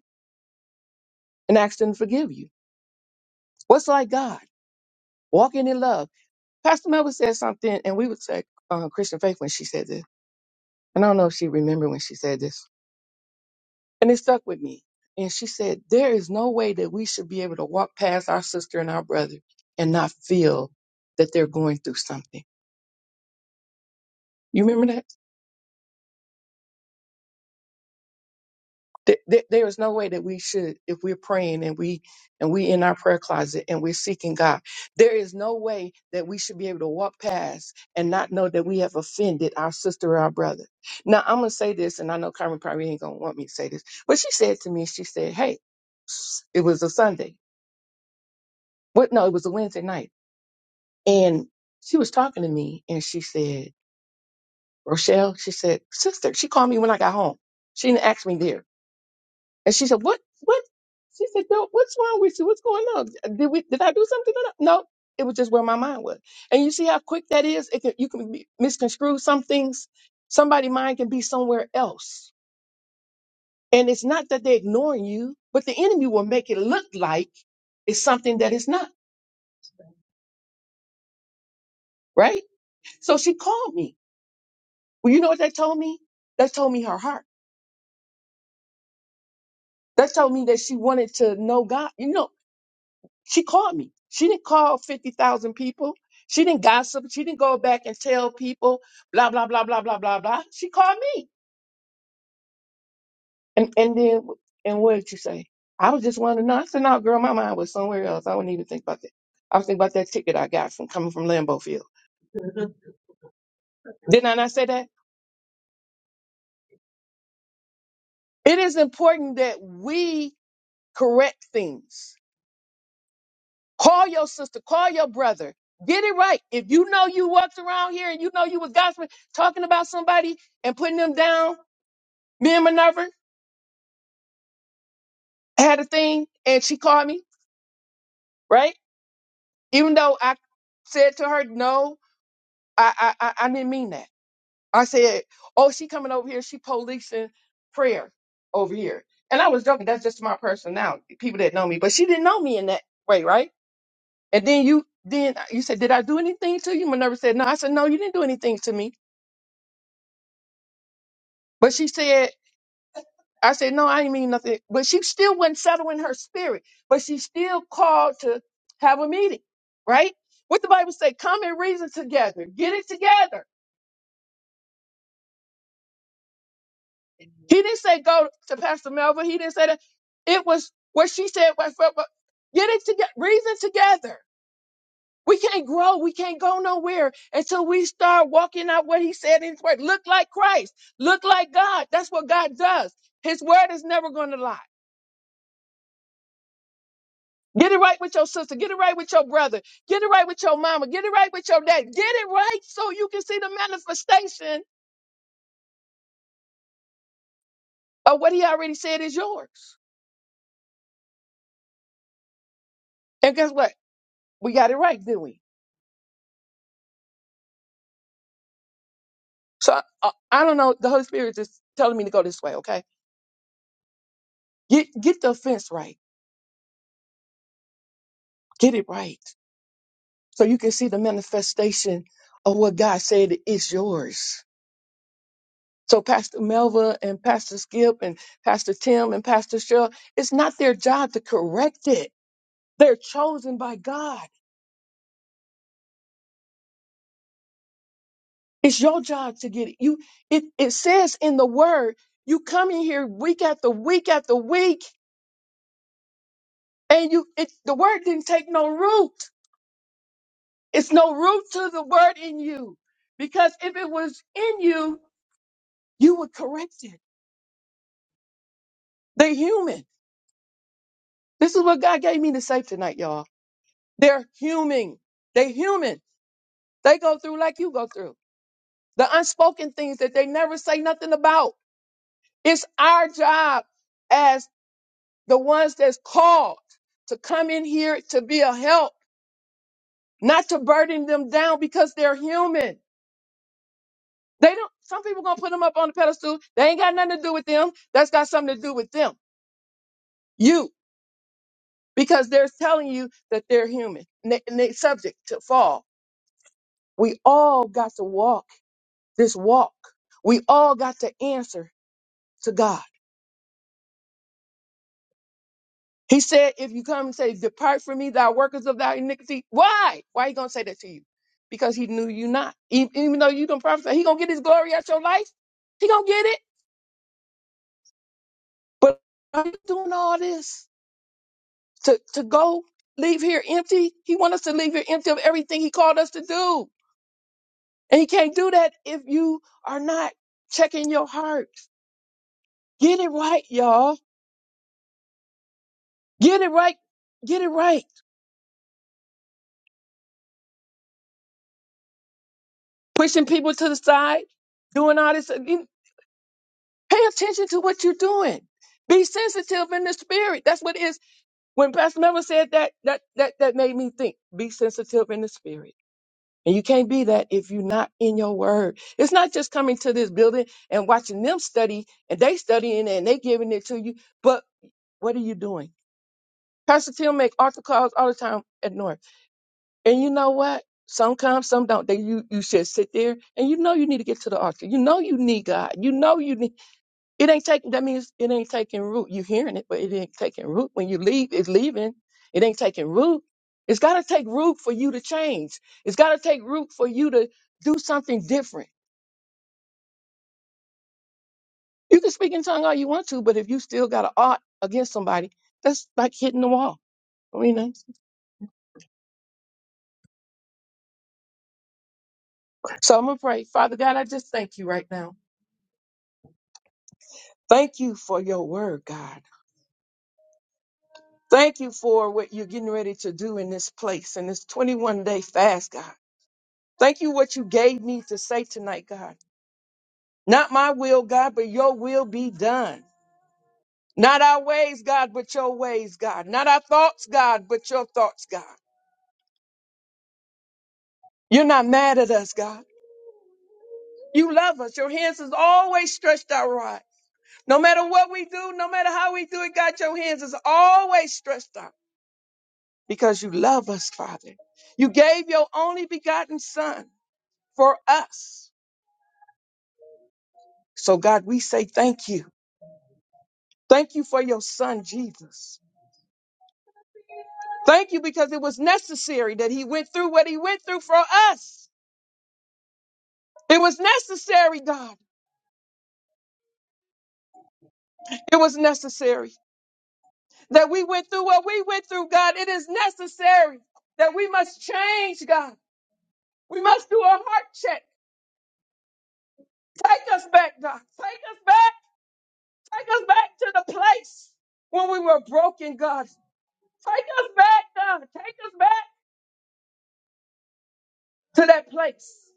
Speaker 2: and ask them to forgive you. What's like God? Walking in love. Pastor Melba said something, and we would say uh, Christian faith when she said this. And I don't know if she remembered when she said this And it stuck with me. And she said, There is no way that we should be able to walk past our sister and our brother and not feel that they're going through something. You remember that? Th- th- There is no way that we should, if we're praying and we and we in our prayer closet and we're seeking God, there is no way that we should be able to walk past and not know that we have offended our sister or our brother. Now I'm gonna say this, and I know Carmen probably ain't gonna want me to say this, but she said to me, she said, "Hey, it was a Sunday. What? No, it was a Wednesday night." And she was talking to me and she said, Rochelle, she said, sister, she called me when I got home. She didn't ask me there. And she said, what, what? She said, girl, what's wrong with you? What's going on? Did we, did I do something? Did I-" No, it was just where my mind was. And you see how quick that is? It can, you can be, misconstrue some things. Somebody' mind can be somewhere else. And it's not that they're ignoring you, but the enemy will make it look like it's something that it's not, right? So she called me. Well, you know what that told me? That told me her heart. That told me that she wanted to know God. You know, she called me. She didn't call 50,000 people. She didn't gossip. She didn't go back and tell people, blah, blah, blah, blah, blah, blah, blah. She called me. And and then, and what did you say? I was just wanting to know. I said, no, girl, my mind was somewhere else. I wouldn't even think about that. I was thinking about that ticket I got from coming from Lambeau Field. Didn't I not say that? It is important that we correct things Call your sister, call your brother. Get it right. If you know you walked around here and you know you was gossiping, talking about somebody and putting them down, me and Minerva had a thing and she called me, right? Even though I said to her, no, I I, I I didn't mean that. I said, oh, she coming over here, she policing prayer over here. And I was joking, that's just my personality, people that know me. But she didn't know me in that way, right? And then you then you said, Did I do anything to you? Minerva said, No. I said, No, you didn't do anything to me. But she said, I said, no, I didn't mean nothing. But she still wasn't settling her spirit. But she still called to have a meeting, right? What the Bible say, come and reason together. Get it together. He didn't say go to Pastor Melvin. He didn't say that. It was what she said. What, what, what- get it together. Reason together. We can't grow. We can't go nowhere until we start walking out what he said in his word. Look like Christ. Look like God. That's what God does. His word is never going to lie. Get it right with your sister. Get it right with your brother. Get it right with your mama. Get it right with your dad. Get it right so you can see the manifestation of what he already said is yours. And guess what? We got it right, didn't we? So I, uh, I don't know. The Holy Spirit is telling me to go this way. Okay, get get the offense right. Get it right so you can see the manifestation of what God said is yours. So Pastor Melva and Pastor Skip and Pastor Tim and Pastor Cheryl, it's not their job to correct it. They're chosen by God. It's your job to get it. You it, it says in the word, you come in here week after week after week, and you it the word didn't take no root. It's no root to the word in you. Because if it was in you, you would correct it. They're human. This is what God gave me to say tonight, y'all. They're human. They're human. They go through like you go through. The unspoken things that they never say nothing about. It's our job the ones that's called to come in here to be a help, not to burden them down because they're human. They don't, some people gonna put them up on the pedestal. They ain't got nothing to do with them. That's got something to do with them, you, because they're telling you that they're human and, they, and they subject to fall. We all got to walk this walk. We all got to answer to God. He said, if you come and say, depart from me, thou workers of thy iniquity, why? Why he going to say that to you? Because he knew you not. E- Even though you can prophesy, he going to get his glory out your life. He going to get it. But are you doing all this to, to go leave here empty? He want us to leave here empty of everything he called us to do. And he can't do that if you are not checking your heart. Get it right, y'all. Get it right. Get it right. Pushing people to the side, doing all this. Pay attention to what you're doing. Be sensitive in the spirit. That's what it is. When Pastor Miller said that, that that that made me think. Be sensitive in the spirit. And you can't be that if you're not in your word. It's not just coming to this building and watching them study and they studying and they giving it to you. But what are you doing? Pastor Tim make altar calls all the time at North. And you know what? Some come, some don't. They you you should sit there and you know you need to get to the altar. You know you need God. You know you need it ain't taking, that means it ain't taking root. You hearing it, but it ain't taking root. When you leave, it's leaving. It ain't taking root. It's got to take root for you to change. It's got to take root for you to do something different. You can speak in tongue all you want to, but if you still got an art against somebody, that's like hitting the wall. I mean, that's- so I'm going to pray. Father God, I just thank you right now. Thank you for your word, God. Thank you for what you're getting ready to do in this place, in this 21 day fast, God. Thank you what you gave me to say tonight, God. Not my will, God, but your will be done. Not our ways, God, but your ways, God. Not our thoughts, God, but your thoughts, God. You're not mad at us, God. You love us. Your hands is always stretched out right. No matter what we do, no matter how we do it, God, your hands is always stretched out because you love us, Father. You gave your only begotten son for us. So God, we say thank you. Thank you for your son, Jesus. Thank you because it was necessary that he went through what he went through for us. It was necessary, God. It was necessary that we went through what we went through, God. It is necessary that we must change, God. We must do a heart check. Take us back, God. Take us back. Take us back to the place when we were broken, God. Take us back, God. Take us back to that place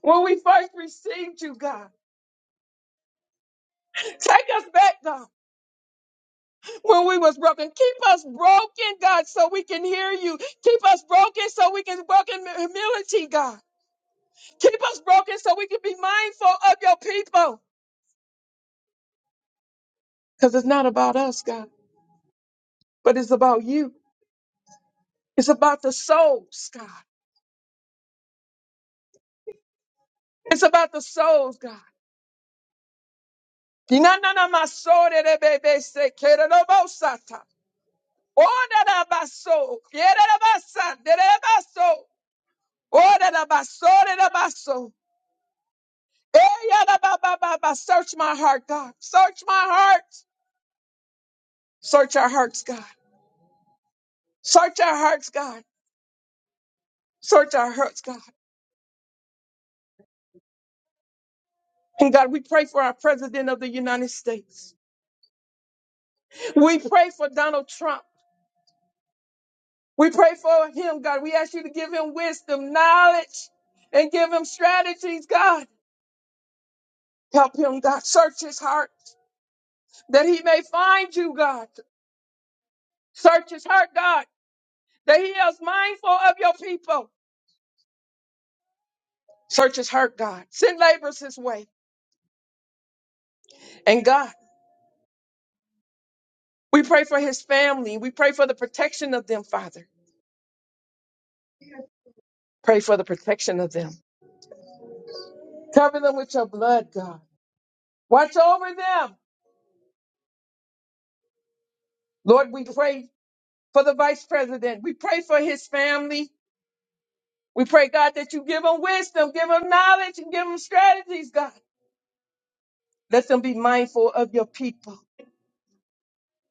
Speaker 2: when we first received you, God. Take us back, God. when we was broken. Keep us broken, God, so we can hear you. Keep us broken so we can walk in humility, God. Keep us broken so we can be mindful of your people. Because it's not about us, God, but it's about you. It's about the souls, God. It's about the souls, God. Dinananamasore-re-be-be-se-ke-re-ro-bo-sa-ta. Ora-ra-ba-so, kere-ra-ba-sa, dere-ra-ba-so. Ora-ra-ba-so-re-ra-ba-so. Eh, yeah, ba, ba, ba, ba, ba. Search my heart, God. Search my heart. Search our hearts, God. Search our hearts, God. Search our hearts, God. And God, we pray for our President of the United States. We pray for Donald Trump. We pray for him, God. We ask you to give him wisdom, knowledge, and give him strategies, God. Help him, God. Search his heart that he may find you, God. Search his heart, God, that he is mindful of your people. Search his heart, God. Send laborers his way. And God, we pray for his family. We pray for the protection of them, Father. Pray for the protection of them. Cover them with your blood, God. Watch over them. Lord, we pray for the vice president. We pray for his family. We pray, God, that you give them wisdom, give them knowledge, and give them strategies, God. Let them be mindful of your people.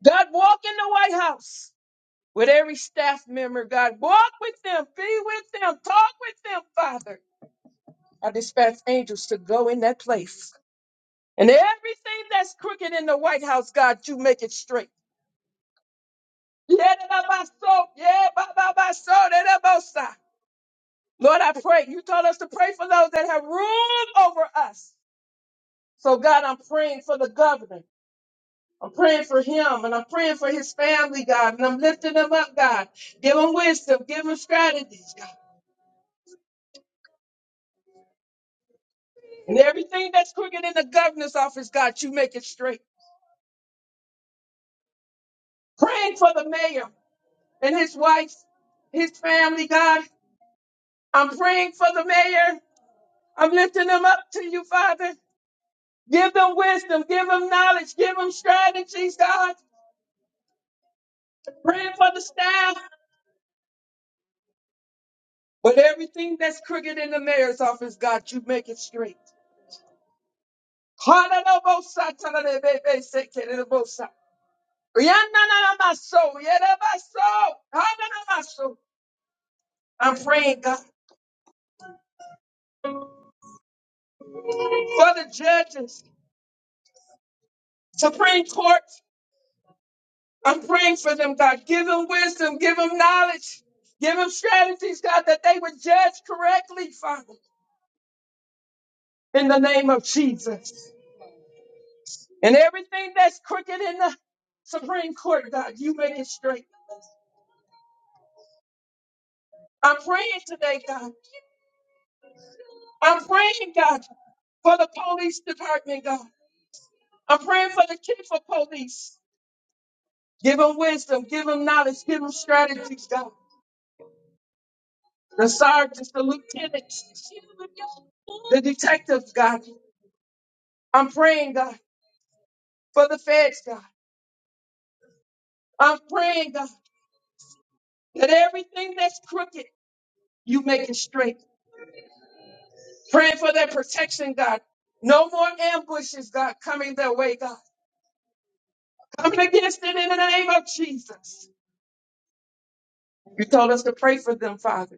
Speaker 2: God, walk in the White House with every staff member, God. Walk with them, be with them, talk with them, Father. I dispatch angels to go in that place And everything that's crooked in the White House, God, you make it straight. Yeah, da, da, ba, so. Yeah, ba, ba, ba, so, da, da, bo, sa. Lord, I pray. You told us to pray for those that have ruled over us. So, God, I'm praying for the governor. I'm praying for him and I'm praying for his family, God. And I'm lifting them up, God. Give them wisdom. Give them strategies, God. And everything that's crooked in the governor's office, God, you make it straight. Praying for the mayor and his wife, his family, God. I'm praying for the mayor I'm lifting them up to you, Father. Give them wisdom, give them knowledge, give them strategies, God. Praying for the staff. But everything that's crooked in the mayor's office, God, you make it straight. Hallelujah. Riananamaso, yerebaso, hananamaso. I'm praying, God, for the judges, Supreme Court. I'm praying for them, God. Give them wisdom, give them knowledge, give them strategies, God, that they would judge correctly, Father. in the name of Jesus. And everything that's crooked in the Supreme Court, God, you make it straight. I'm praying today, God. I'm praying, God, for the police department, God. I'm praying for the chief of police. Give them wisdom, give them knowledge, give them strategies, God. The sergeants, the lieutenants, the detectives, God. I'm praying, God, for the feds, God. I'm praying, God, that everything that's crooked, you make it straight. Praying for their protection, God. No more ambushes, God, coming their way, God. Coming against it in the name of Jesus. You told us to pray for them, Father.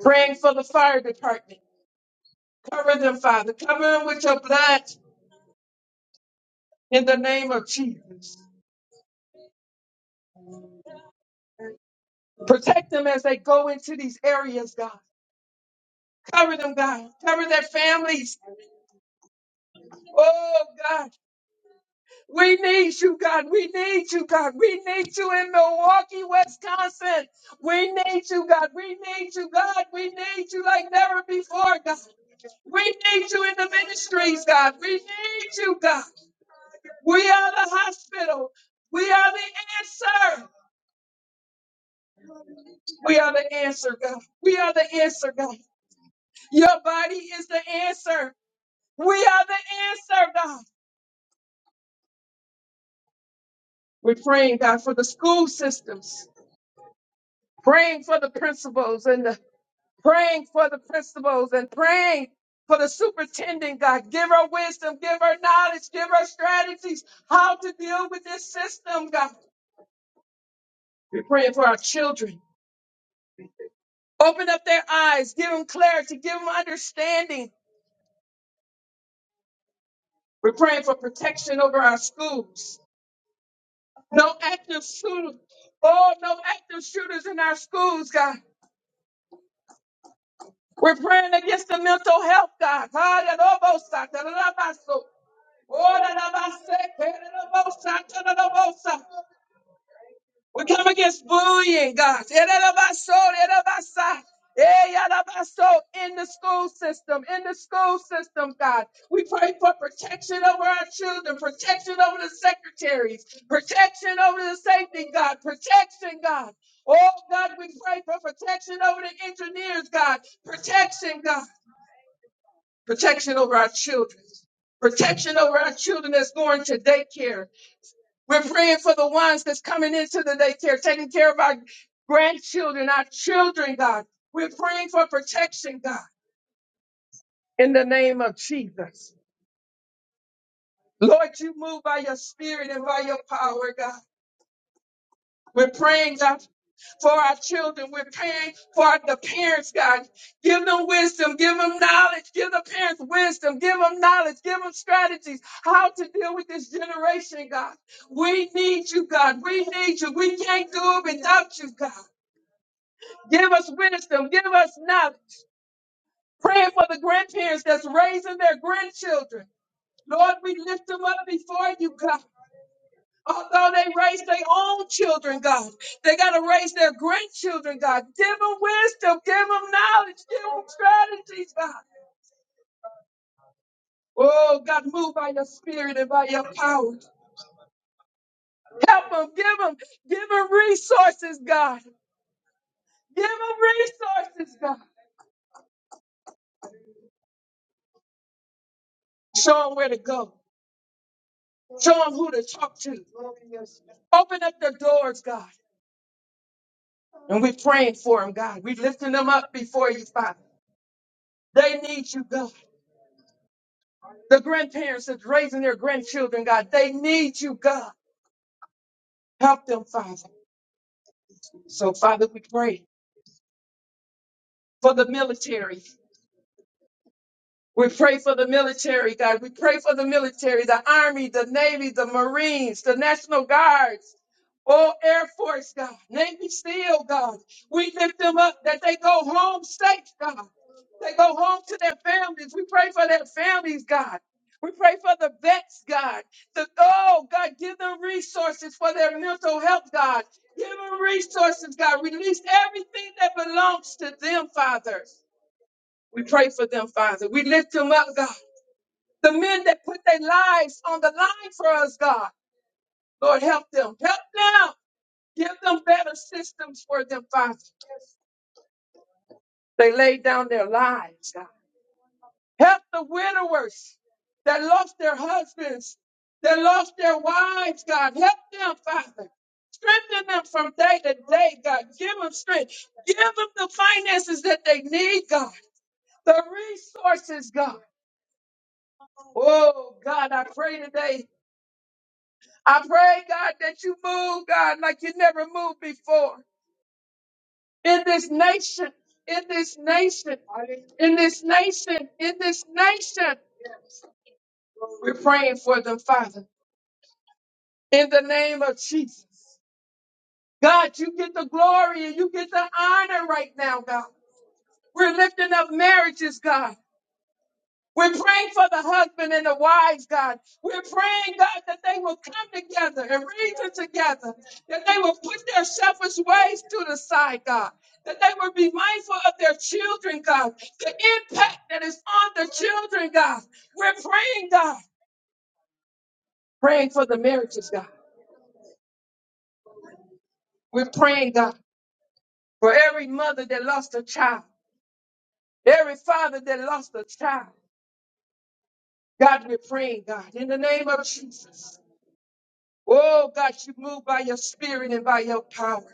Speaker 2: Praying for the fire department. Cover them, Father. Cover them with your blood in the name of Jesus. Protect them as they go into these areas, God. Cover them, God. Cover their families. Oh, We need you, God. We need you, God. We need you in Milwaukee, Wisconsin. We need you, God. We need you, God. We need you like never before, God. We need you in the ministries, God. We need you, God. We are the hospital. We are the answer. We are the answer, God. We are the answer, God. Your body is the answer. We are the answer, God. We're praying, God, for the school systems, praying for the principals and the praying for the principals and praying for the superintendent, God. Give her wisdom, give her knowledge, give her strategies how to deal with this system, God. We're praying for our children. Open up their eyes, give them clarity, give them understanding. We're praying for protection over our schools. No active shooters. Oh, no active shooters in our schools, God. We're praying against the mental health, God. We come against bullying, God. In the school system, in the school system, God. We pray for protection over our children, protection over the secretaries, protection over the safety, God, protection, God. Oh, God, we pray for protection over the engineers, God, protection, God, protection over our children, protection over our children that's going to daycare We're praying for the ones that's coming into the daycare, taking care of our grandchildren, our children, God. We're praying for protection, God, in the name of Jesus. Lord, you move by your spirit and by your power, God. We're praying, God, for our children. We're praying for our- the parents, God. Give them wisdom. Give them knowledge. Give the parents wisdom. Give them knowledge. Give them strategies how to deal with this generation, God. We need you, God. We need you. We can't do it without you, God. Give us wisdom. Give us knowledge. Praying for the grandparents that's raising their grandchildren. Lord, we lift them up before you, God. Although they raise their own children, God, they got to raise their grandchildren, God. Give them wisdom, give them knowledge, give them strategies, God. Oh, God, move by your spirit and by your power. Help them, give them, give them resources, God. Give them resources, God. Show them where to go. Show them who to talk to. Open up the doors, God. And we're praying for them, God. We're lifting them up before you, Father. They need you, God. The grandparents that's raising their grandchildren, God, they need you, God. Help them, Father. So, Father, we pray for the military. We pray for the military, God. We pray for the military, the Army, the Navy, the Marines, the National Guards, all Air Force, God. Navy SEAL, God. We lift them up that they go home safe, God. They go home to their families. We pray for their families, God. We pray for the vets, God. The, oh, God, give them resources for their mental health, God. Give them resources, God. Release everything that belongs to them, Father. We pray for them, Father. We lift them up, God. The men that put their lives on the line for us, God. Lord, help them. Help them. Give them better systems for them, Father. Yes. They laid down their lives, God. Help the widowers that lost their husbands, that lost their wives, God. Help them, Father. Strengthen them from day to day, God. Give them strength. Give them the finances that they need, God. The resources, God. Oh, God, I pray today I pray, God, that you move, God, like you never moved before in this nation, in this nation, in this nation, in this nation. We're praying for them, Father, in the name of Jesus. God, you get the glory and you get the honor right now, God. We're lifting up marriages, God. We're praying for the husband and the wives, God. We're praying, God, that they will come together and reason together, that they will put their selfish ways to the side, God, that they will be mindful of their children, God, the impact that is on the children, God. We're praying, God, praying for the marriages, God. We're praying, God, for every mother that lost a child, every father that lost a child. God, we're praying, God, in the name of Jesus. Oh, God, you move by your spirit and by your power.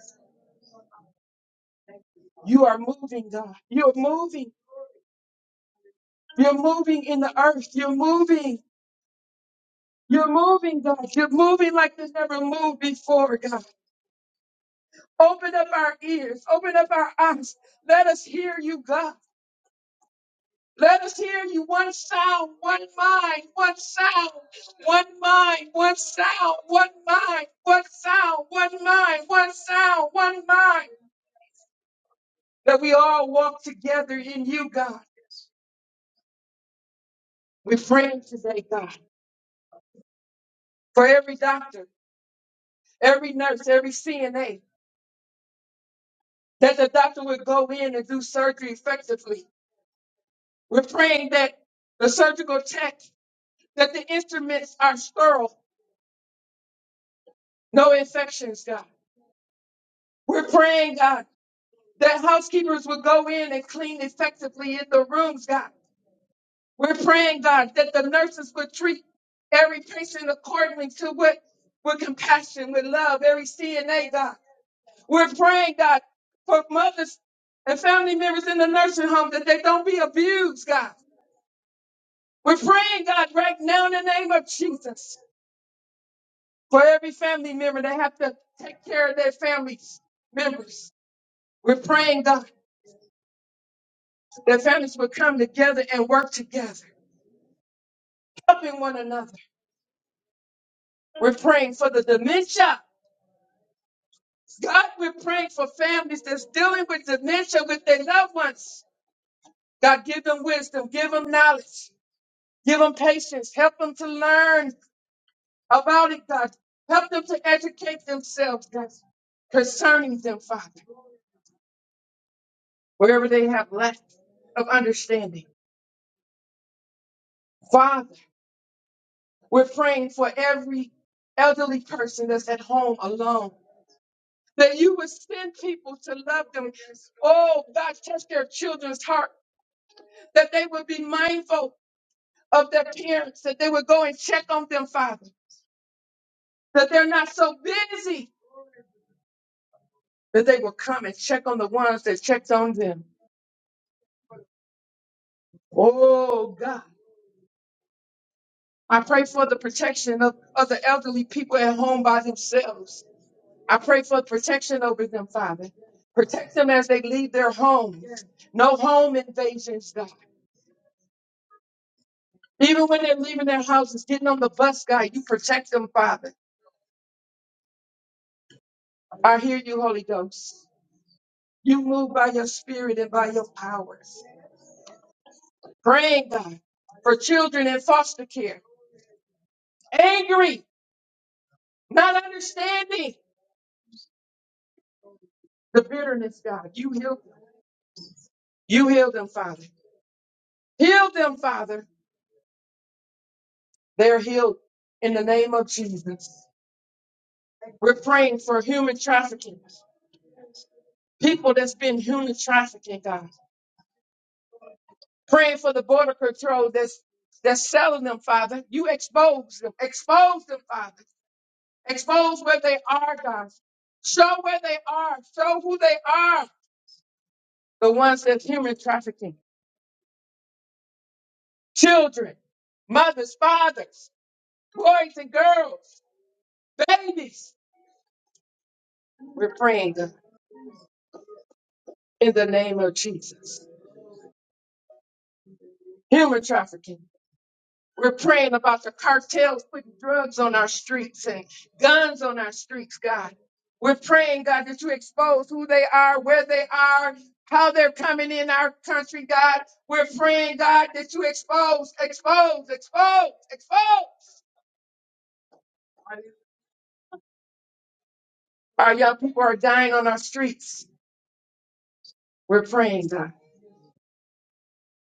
Speaker 2: You are moving, God. You're moving. You're moving in the earth. You're moving. You're moving, God. You're moving like you never moved before, God. Open up our ears. Open up our eyes. Let us hear you, God. Let us hear you. One sound, one mind, one sound, one mind, one sound, one mind, one sound, one mind, one sound, one mind. that we all walk together in you, God. We're praying today, God, for every doctor, every nurse, every CNA, that the doctor would go in and do surgery effectively. We're praying that the surgical tech, that the instruments are sterile, no infections, God. We're praying, God, that housekeepers would go in and clean effectively in the rooms, God. We're praying, God, that the nurses would treat every patient accordingly to what with compassion, with love, every CNA, God. We're praying, God, for mothers and family members in the nursing home that they don't be abused, God. We're praying, God, right now in the name of Jesus, for every family member that have to take care of their family members. We're praying, God, that families will come together and work together, helping one another. We're praying for the dementia God, we're praying for families that's dealing with dementia with their loved ones. God, give them wisdom, give them knowledge, give them patience, help them to learn about it, God. Help them to educate themselves, God, concerning them, Father, wherever they have lack of understanding. Father, we're praying for every elderly person that's at home alone. That you would send people to love them. Oh, God, touch their children's heart. That they would be mindful of their parents, that they would go and check on them, Father, that they're not so busy, that they will come and check on the ones that checked on them. Oh, God. I pray for the protection of, of the elderly people at home by themselves. I pray for protection over them, Father. Protect them as they leave their homes. No home invasions, God. Even when they're leaving their houses, getting on the bus, God, you protect them, Father. I hear you, Holy Ghost. You move by your spirit and by your power. Praying, God, for children in foster care. Angry, not understanding the bitterness, God. You heal them. You heal them, Father. Heal them, Father. They're healed in the name of Jesus. We're praying for human trafficking, people that's been human trafficking, God. Praying for the border control that's that's selling them, Father. You expose them. Expose them, Father. Expose where they are, God. Show where they are. Show who they are. the ones that's human trafficking, children, mothers, fathers, boys and girls, babies. We're praying God, in the name of Jesus. Human trafficking. We're praying about the cartels putting drugs on our streets and guns on our streets, God. We're praying, God, that you expose who they are, where they are, how they're coming in our country, God. We're praying, God, that you expose, expose, expose, expose. Our young people are dying on our streets. We're praying, God,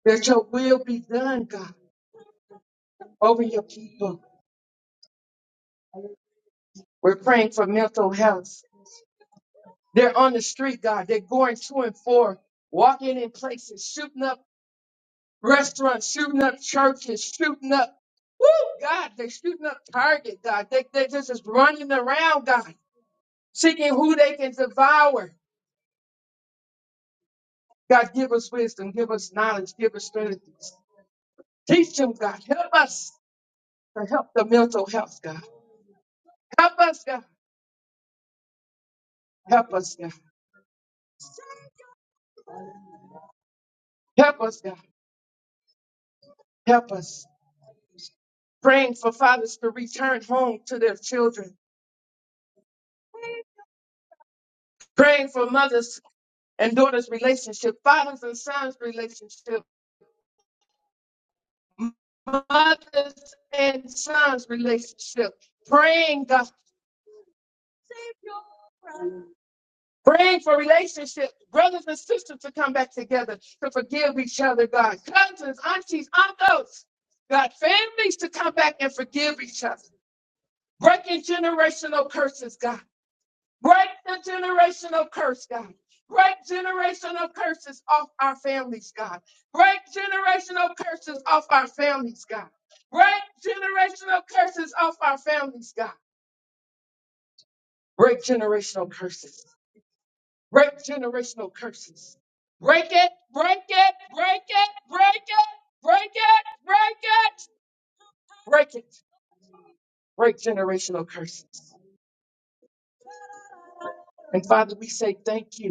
Speaker 2: that your will be done, God, over your people. We're praying for mental health. They're on the street, God. They're going to and for, walking in places, shooting up restaurants, shooting up churches, shooting up. Woo, God, they're shooting up Target, God. They, they're just is running around, God, seeking who they can devour. God, give us wisdom, give us knowledge, give us strategies. Teach them, God. Help us to help the mental health, God. Help us, God. Help us, God. Help us, God. Help us. Praying for fathers to return home to their children. Praying for mothers and daughters' relationship, fathers and sons' relationship, mothers and sons' relationship. Praying, God. Praying for relationships, brothers and sisters to come back together, to forgive each other, God. Cousins, aunties, uncles, God. Families to come back and forgive each other. Breaking generational curses, God. Break the generational curse, God. Break generational curses off our families, God. Break generational curses off our families, God. Break generational curses off our families, God. Break generational curses. Break generational curses. Break it, break it, break it, break it, break it, break it, break it. Break generational curses. And Father, we say thank you.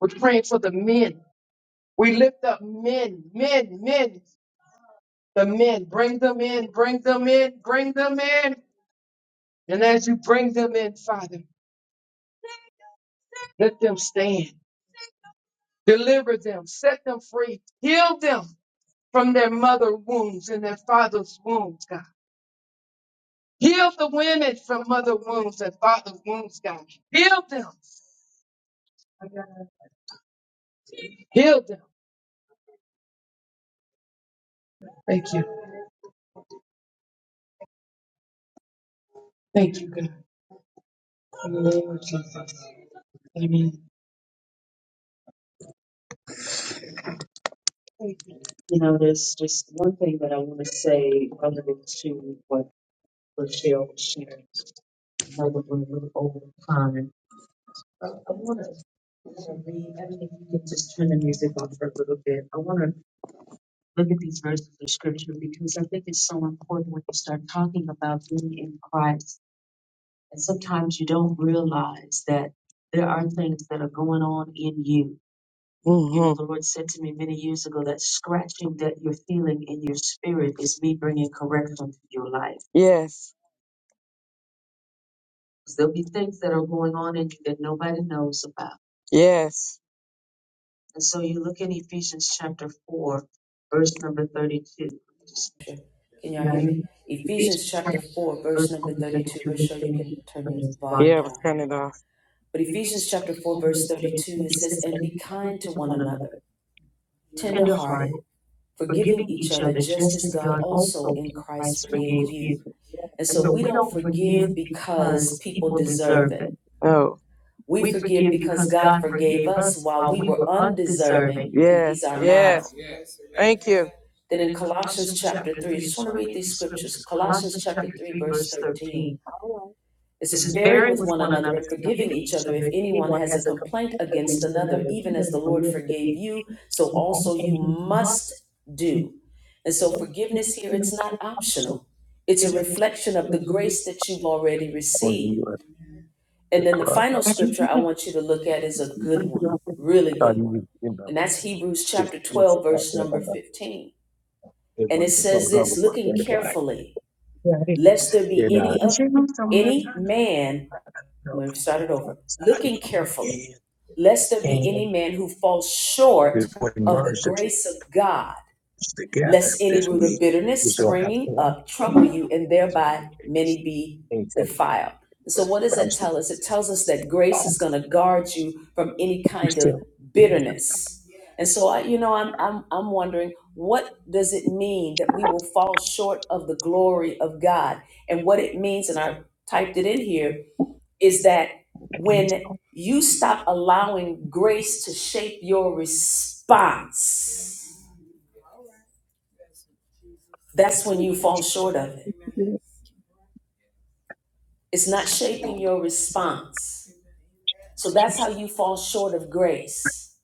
Speaker 2: We're praying for the men. We lift up men, men, men, the men. Bring them in, bring them in, bring them in. And as you bring them in, Father, let them stand. Deliver them, set them free, heal them from their mother wounds and their father's wounds, God. Heal the women from mother wounds and father's wounds, God. Heal them. Heal them. Thank you. Thank you, God. In the name of Jesus. Amen. You know, there's just one thing that I want to say relative to what Rochelle was sharing. Now that we're a little over time, I want to read, I mean, if you can just turn the music off for a little bit. I want to look at these verses of scripture because I think it's so important when you start talking about being in Christ. And sometimes you don't realize that there are things that are going on in you You know, Mhm. the Lord said to me many years ago that scratching that you're feeling in your spirit is me bringing correction to your life. Yes. 'Cause there'll be things that are going on in you that nobody knows about. Yes. And so you look in Ephesians chapter 4, verse number 32. Just-
Speaker 1: Can y'all
Speaker 2: Now,
Speaker 1: hear me?
Speaker 2: you, Ephesians
Speaker 1: Ephesians
Speaker 2: chapter
Speaker 1: chapter 4,
Speaker 2: four,
Speaker 1: verse
Speaker 2: verse
Speaker 1: number
Speaker 2: number
Speaker 1: 32.
Speaker 2: 32,
Speaker 1: We're
Speaker 2: verse
Speaker 1: sure you can
Speaker 2: thirty-two
Speaker 1: turn
Speaker 2: from
Speaker 1: your
Speaker 2: your
Speaker 1: volume
Speaker 2: Yeah, spine. I'm
Speaker 1: down.
Speaker 2: turning it off.
Speaker 1: But Ephesians
Speaker 2: Ephesians
Speaker 1: chapter
Speaker 2: chapter
Speaker 1: 4,
Speaker 2: 4,
Speaker 1: verse
Speaker 2: verse 32
Speaker 1: 32, it
Speaker 2: it
Speaker 1: says,
Speaker 2: says,
Speaker 1: And
Speaker 2: and
Speaker 1: be
Speaker 2: be kind
Speaker 1: kind
Speaker 2: to
Speaker 1: to one
Speaker 2: one
Speaker 1: another,
Speaker 2: another, tenderhearted.
Speaker 1: tender-hearted, forgiving
Speaker 2: forgiving
Speaker 1: each
Speaker 2: each
Speaker 1: other,
Speaker 2: other
Speaker 1: just
Speaker 2: just
Speaker 1: as
Speaker 2: as
Speaker 1: God
Speaker 2: God
Speaker 1: also
Speaker 2: also
Speaker 1: in
Speaker 2: in
Speaker 1: Christ
Speaker 2: Christ
Speaker 1: forgave
Speaker 2: forgave
Speaker 1: you
Speaker 2: you.
Speaker 1: And
Speaker 2: And
Speaker 1: so
Speaker 2: so
Speaker 1: we
Speaker 2: we
Speaker 1: don't
Speaker 2: don't forgive
Speaker 1: forgive because
Speaker 2: because
Speaker 1: people
Speaker 2: people
Speaker 1: deserve
Speaker 2: deserve it.
Speaker 1: it.
Speaker 2: Oh,
Speaker 1: We
Speaker 2: We
Speaker 1: forgive
Speaker 2: forgive
Speaker 1: because
Speaker 2: because
Speaker 1: God
Speaker 2: God
Speaker 1: forgave
Speaker 2: forgave us
Speaker 1: us while
Speaker 2: while
Speaker 1: we
Speaker 2: we
Speaker 1: were
Speaker 2: were
Speaker 1: undeserving,
Speaker 2: undeserving.
Speaker 1: and He's
Speaker 2: yes,
Speaker 1: our
Speaker 2: so,
Speaker 1: model.
Speaker 2: yes. Thank you.
Speaker 1: Then
Speaker 2: And
Speaker 1: in
Speaker 2: in
Speaker 1: Colossians
Speaker 2: Colossians
Speaker 1: chapter
Speaker 2: chapter
Speaker 1: 3, I
Speaker 2: 3, I
Speaker 1: just
Speaker 2: just
Speaker 1: want to
Speaker 2: want to
Speaker 1: read
Speaker 2: read
Speaker 1: these
Speaker 2: these scriptures.
Speaker 1: scriptures. Colossians
Speaker 2: Colossians
Speaker 1: chapter
Speaker 2: chapter
Speaker 1: 3,
Speaker 2: 3,
Speaker 1: verse
Speaker 2: verse
Speaker 1: 13.
Speaker 2: 13. All right.
Speaker 1: It
Speaker 2: It
Speaker 1: says,
Speaker 2: says,
Speaker 1: bearing
Speaker 2: bearing
Speaker 1: with
Speaker 2: with
Speaker 1: one
Speaker 2: one
Speaker 1: another
Speaker 2: another,
Speaker 1: and forgiving
Speaker 2: forgiving
Speaker 1: each
Speaker 2: each
Speaker 1: other
Speaker 2: other
Speaker 1: if
Speaker 2: if
Speaker 1: anyone
Speaker 2: anyone
Speaker 1: has a
Speaker 2: has a
Speaker 1: complaint
Speaker 2: complaint
Speaker 1: against
Speaker 2: against
Speaker 1: another,
Speaker 2: another,
Speaker 1: even as
Speaker 2: even
Speaker 1: the
Speaker 2: if a
Speaker 1: Lord
Speaker 2: little
Speaker 1: forgave
Speaker 2: bit,
Speaker 1: you, so
Speaker 2: with all
Speaker 1: also
Speaker 2: things
Speaker 1: you
Speaker 2: you must
Speaker 1: must
Speaker 2: do
Speaker 1: do. And
Speaker 2: Oh,
Speaker 1: so forgiveness here, it's not optional. It's a reflection of the grace that you've already received.
Speaker 2: you are
Speaker 1: And
Speaker 2: the
Speaker 1: then the
Speaker 2: club.
Speaker 1: final scripture I want you to look at is a good one, really
Speaker 2: Are
Speaker 1: good one.
Speaker 2: you in the
Speaker 1: And that's Hebrews
Speaker 2: this
Speaker 1: chapter
Speaker 2: this
Speaker 1: 12,
Speaker 2: that
Speaker 1: verse
Speaker 2: that
Speaker 1: number
Speaker 2: on the
Speaker 1: 15. And it
Speaker 2: everyone the
Speaker 1: says
Speaker 2: club club
Speaker 1: this
Speaker 2: one
Speaker 1: looking
Speaker 2: in the club?
Speaker 1: carefully,
Speaker 2: Yeah, I didn't know.
Speaker 1: lest there be
Speaker 2: Yeah, nah.
Speaker 1: any of any man,
Speaker 2: No,
Speaker 1: let me start it over,
Speaker 2: I
Speaker 1: looking
Speaker 2: know.
Speaker 1: carefully,
Speaker 2: And
Speaker 1: lest there be any
Speaker 2: and
Speaker 1: man who falls short
Speaker 2: before we
Speaker 1: of the
Speaker 2: merge it
Speaker 1: grace of God
Speaker 2: together
Speaker 1: lest any
Speaker 2: this
Speaker 1: root of
Speaker 2: week, we
Speaker 1: bitterness
Speaker 2: still have to
Speaker 1: springing
Speaker 2: watch.
Speaker 1: up trouble you, and
Speaker 2: So I mean,
Speaker 1: thereby
Speaker 2: it's
Speaker 1: many be
Speaker 2: ain't said
Speaker 1: defiled. And so, what does
Speaker 2: but I
Speaker 1: that
Speaker 2: was like,
Speaker 1: tell us? It tells us that grace
Speaker 2: oh,
Speaker 1: is going to guard you from any
Speaker 2: we
Speaker 1: kind of
Speaker 2: still.
Speaker 1: bitterness. And so, I, you know, I'm, I'm, I'm wondering what does it mean that we will fall short of the glory of God? And what it means, and I typed it in here, is that when you stop allowing grace to shape your response, that's when you fall short of it. It's not shaping your response. So that's how you fall short of grace,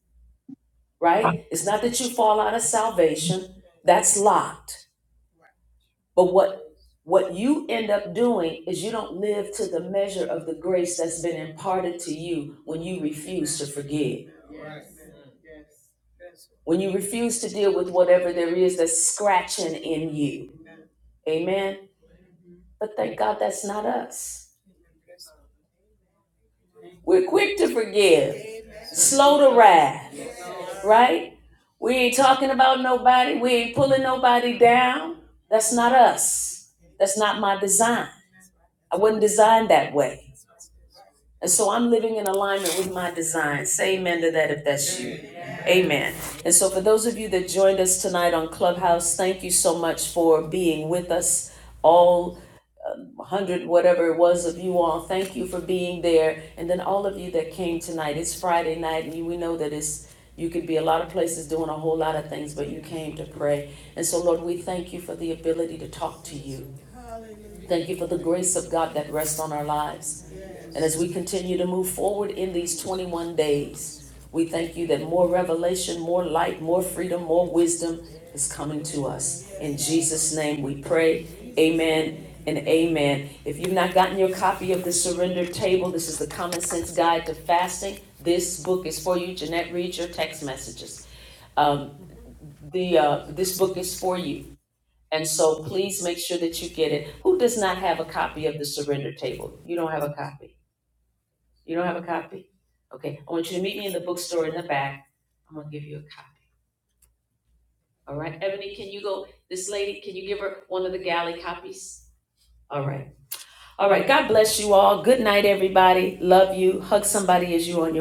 Speaker 1: right? It's not that you fall out of salvation, that's locked. But what what you end up doing is you don't live to the measure of the grace that's been imparted to you when you refuse to forgive. When you refuse to deal with whatever there is that's scratching in you. Amen. But thank God that's not us. We're quick to forgive, slow to wrath right? We ain't talking about nobody. We ain't pulling nobody down. That's not us. That's not my design. I wasn't designed that way. And so I'm living in alignment with my design. Say amen to that if that's you. Amen. And so for those of you that joined us tonight on Clubhouse, thank you so much for being with us all one hundred whatever it was of you all. Thank you for being there, and then all of you that came tonight. It's Friday night, and we know that it's you could be a lot of places doing a whole lot of things, but you came to pray. And so, Lord, we thank you for the ability to talk to you. Thank you for the grace of God that rests on our lives. And as we continue to move forward in these 21 days, we thank you that more revelation, more light, more freedom, more wisdom is coming to us. In Jesus' name we pray. Amen and amen. If you've not gotten your copy of the Surrender Table, this is the Common Sense Guide to Fasting. This book is for you. Jeanette, read your text messages. Um, the uh, this book is for you. And so please make sure that you get it. Who does not have a copy of the surrender table? You don't have a copy. You don't have a copy? Okay, I want you to meet me in the bookstore in the back. I'm gonna give you a copy. All right, Ebony, can you go, this lady, can you give her one of the galley copies? All right, all right, God bless you all. Good night, everybody. Love you. Hug somebody as you on your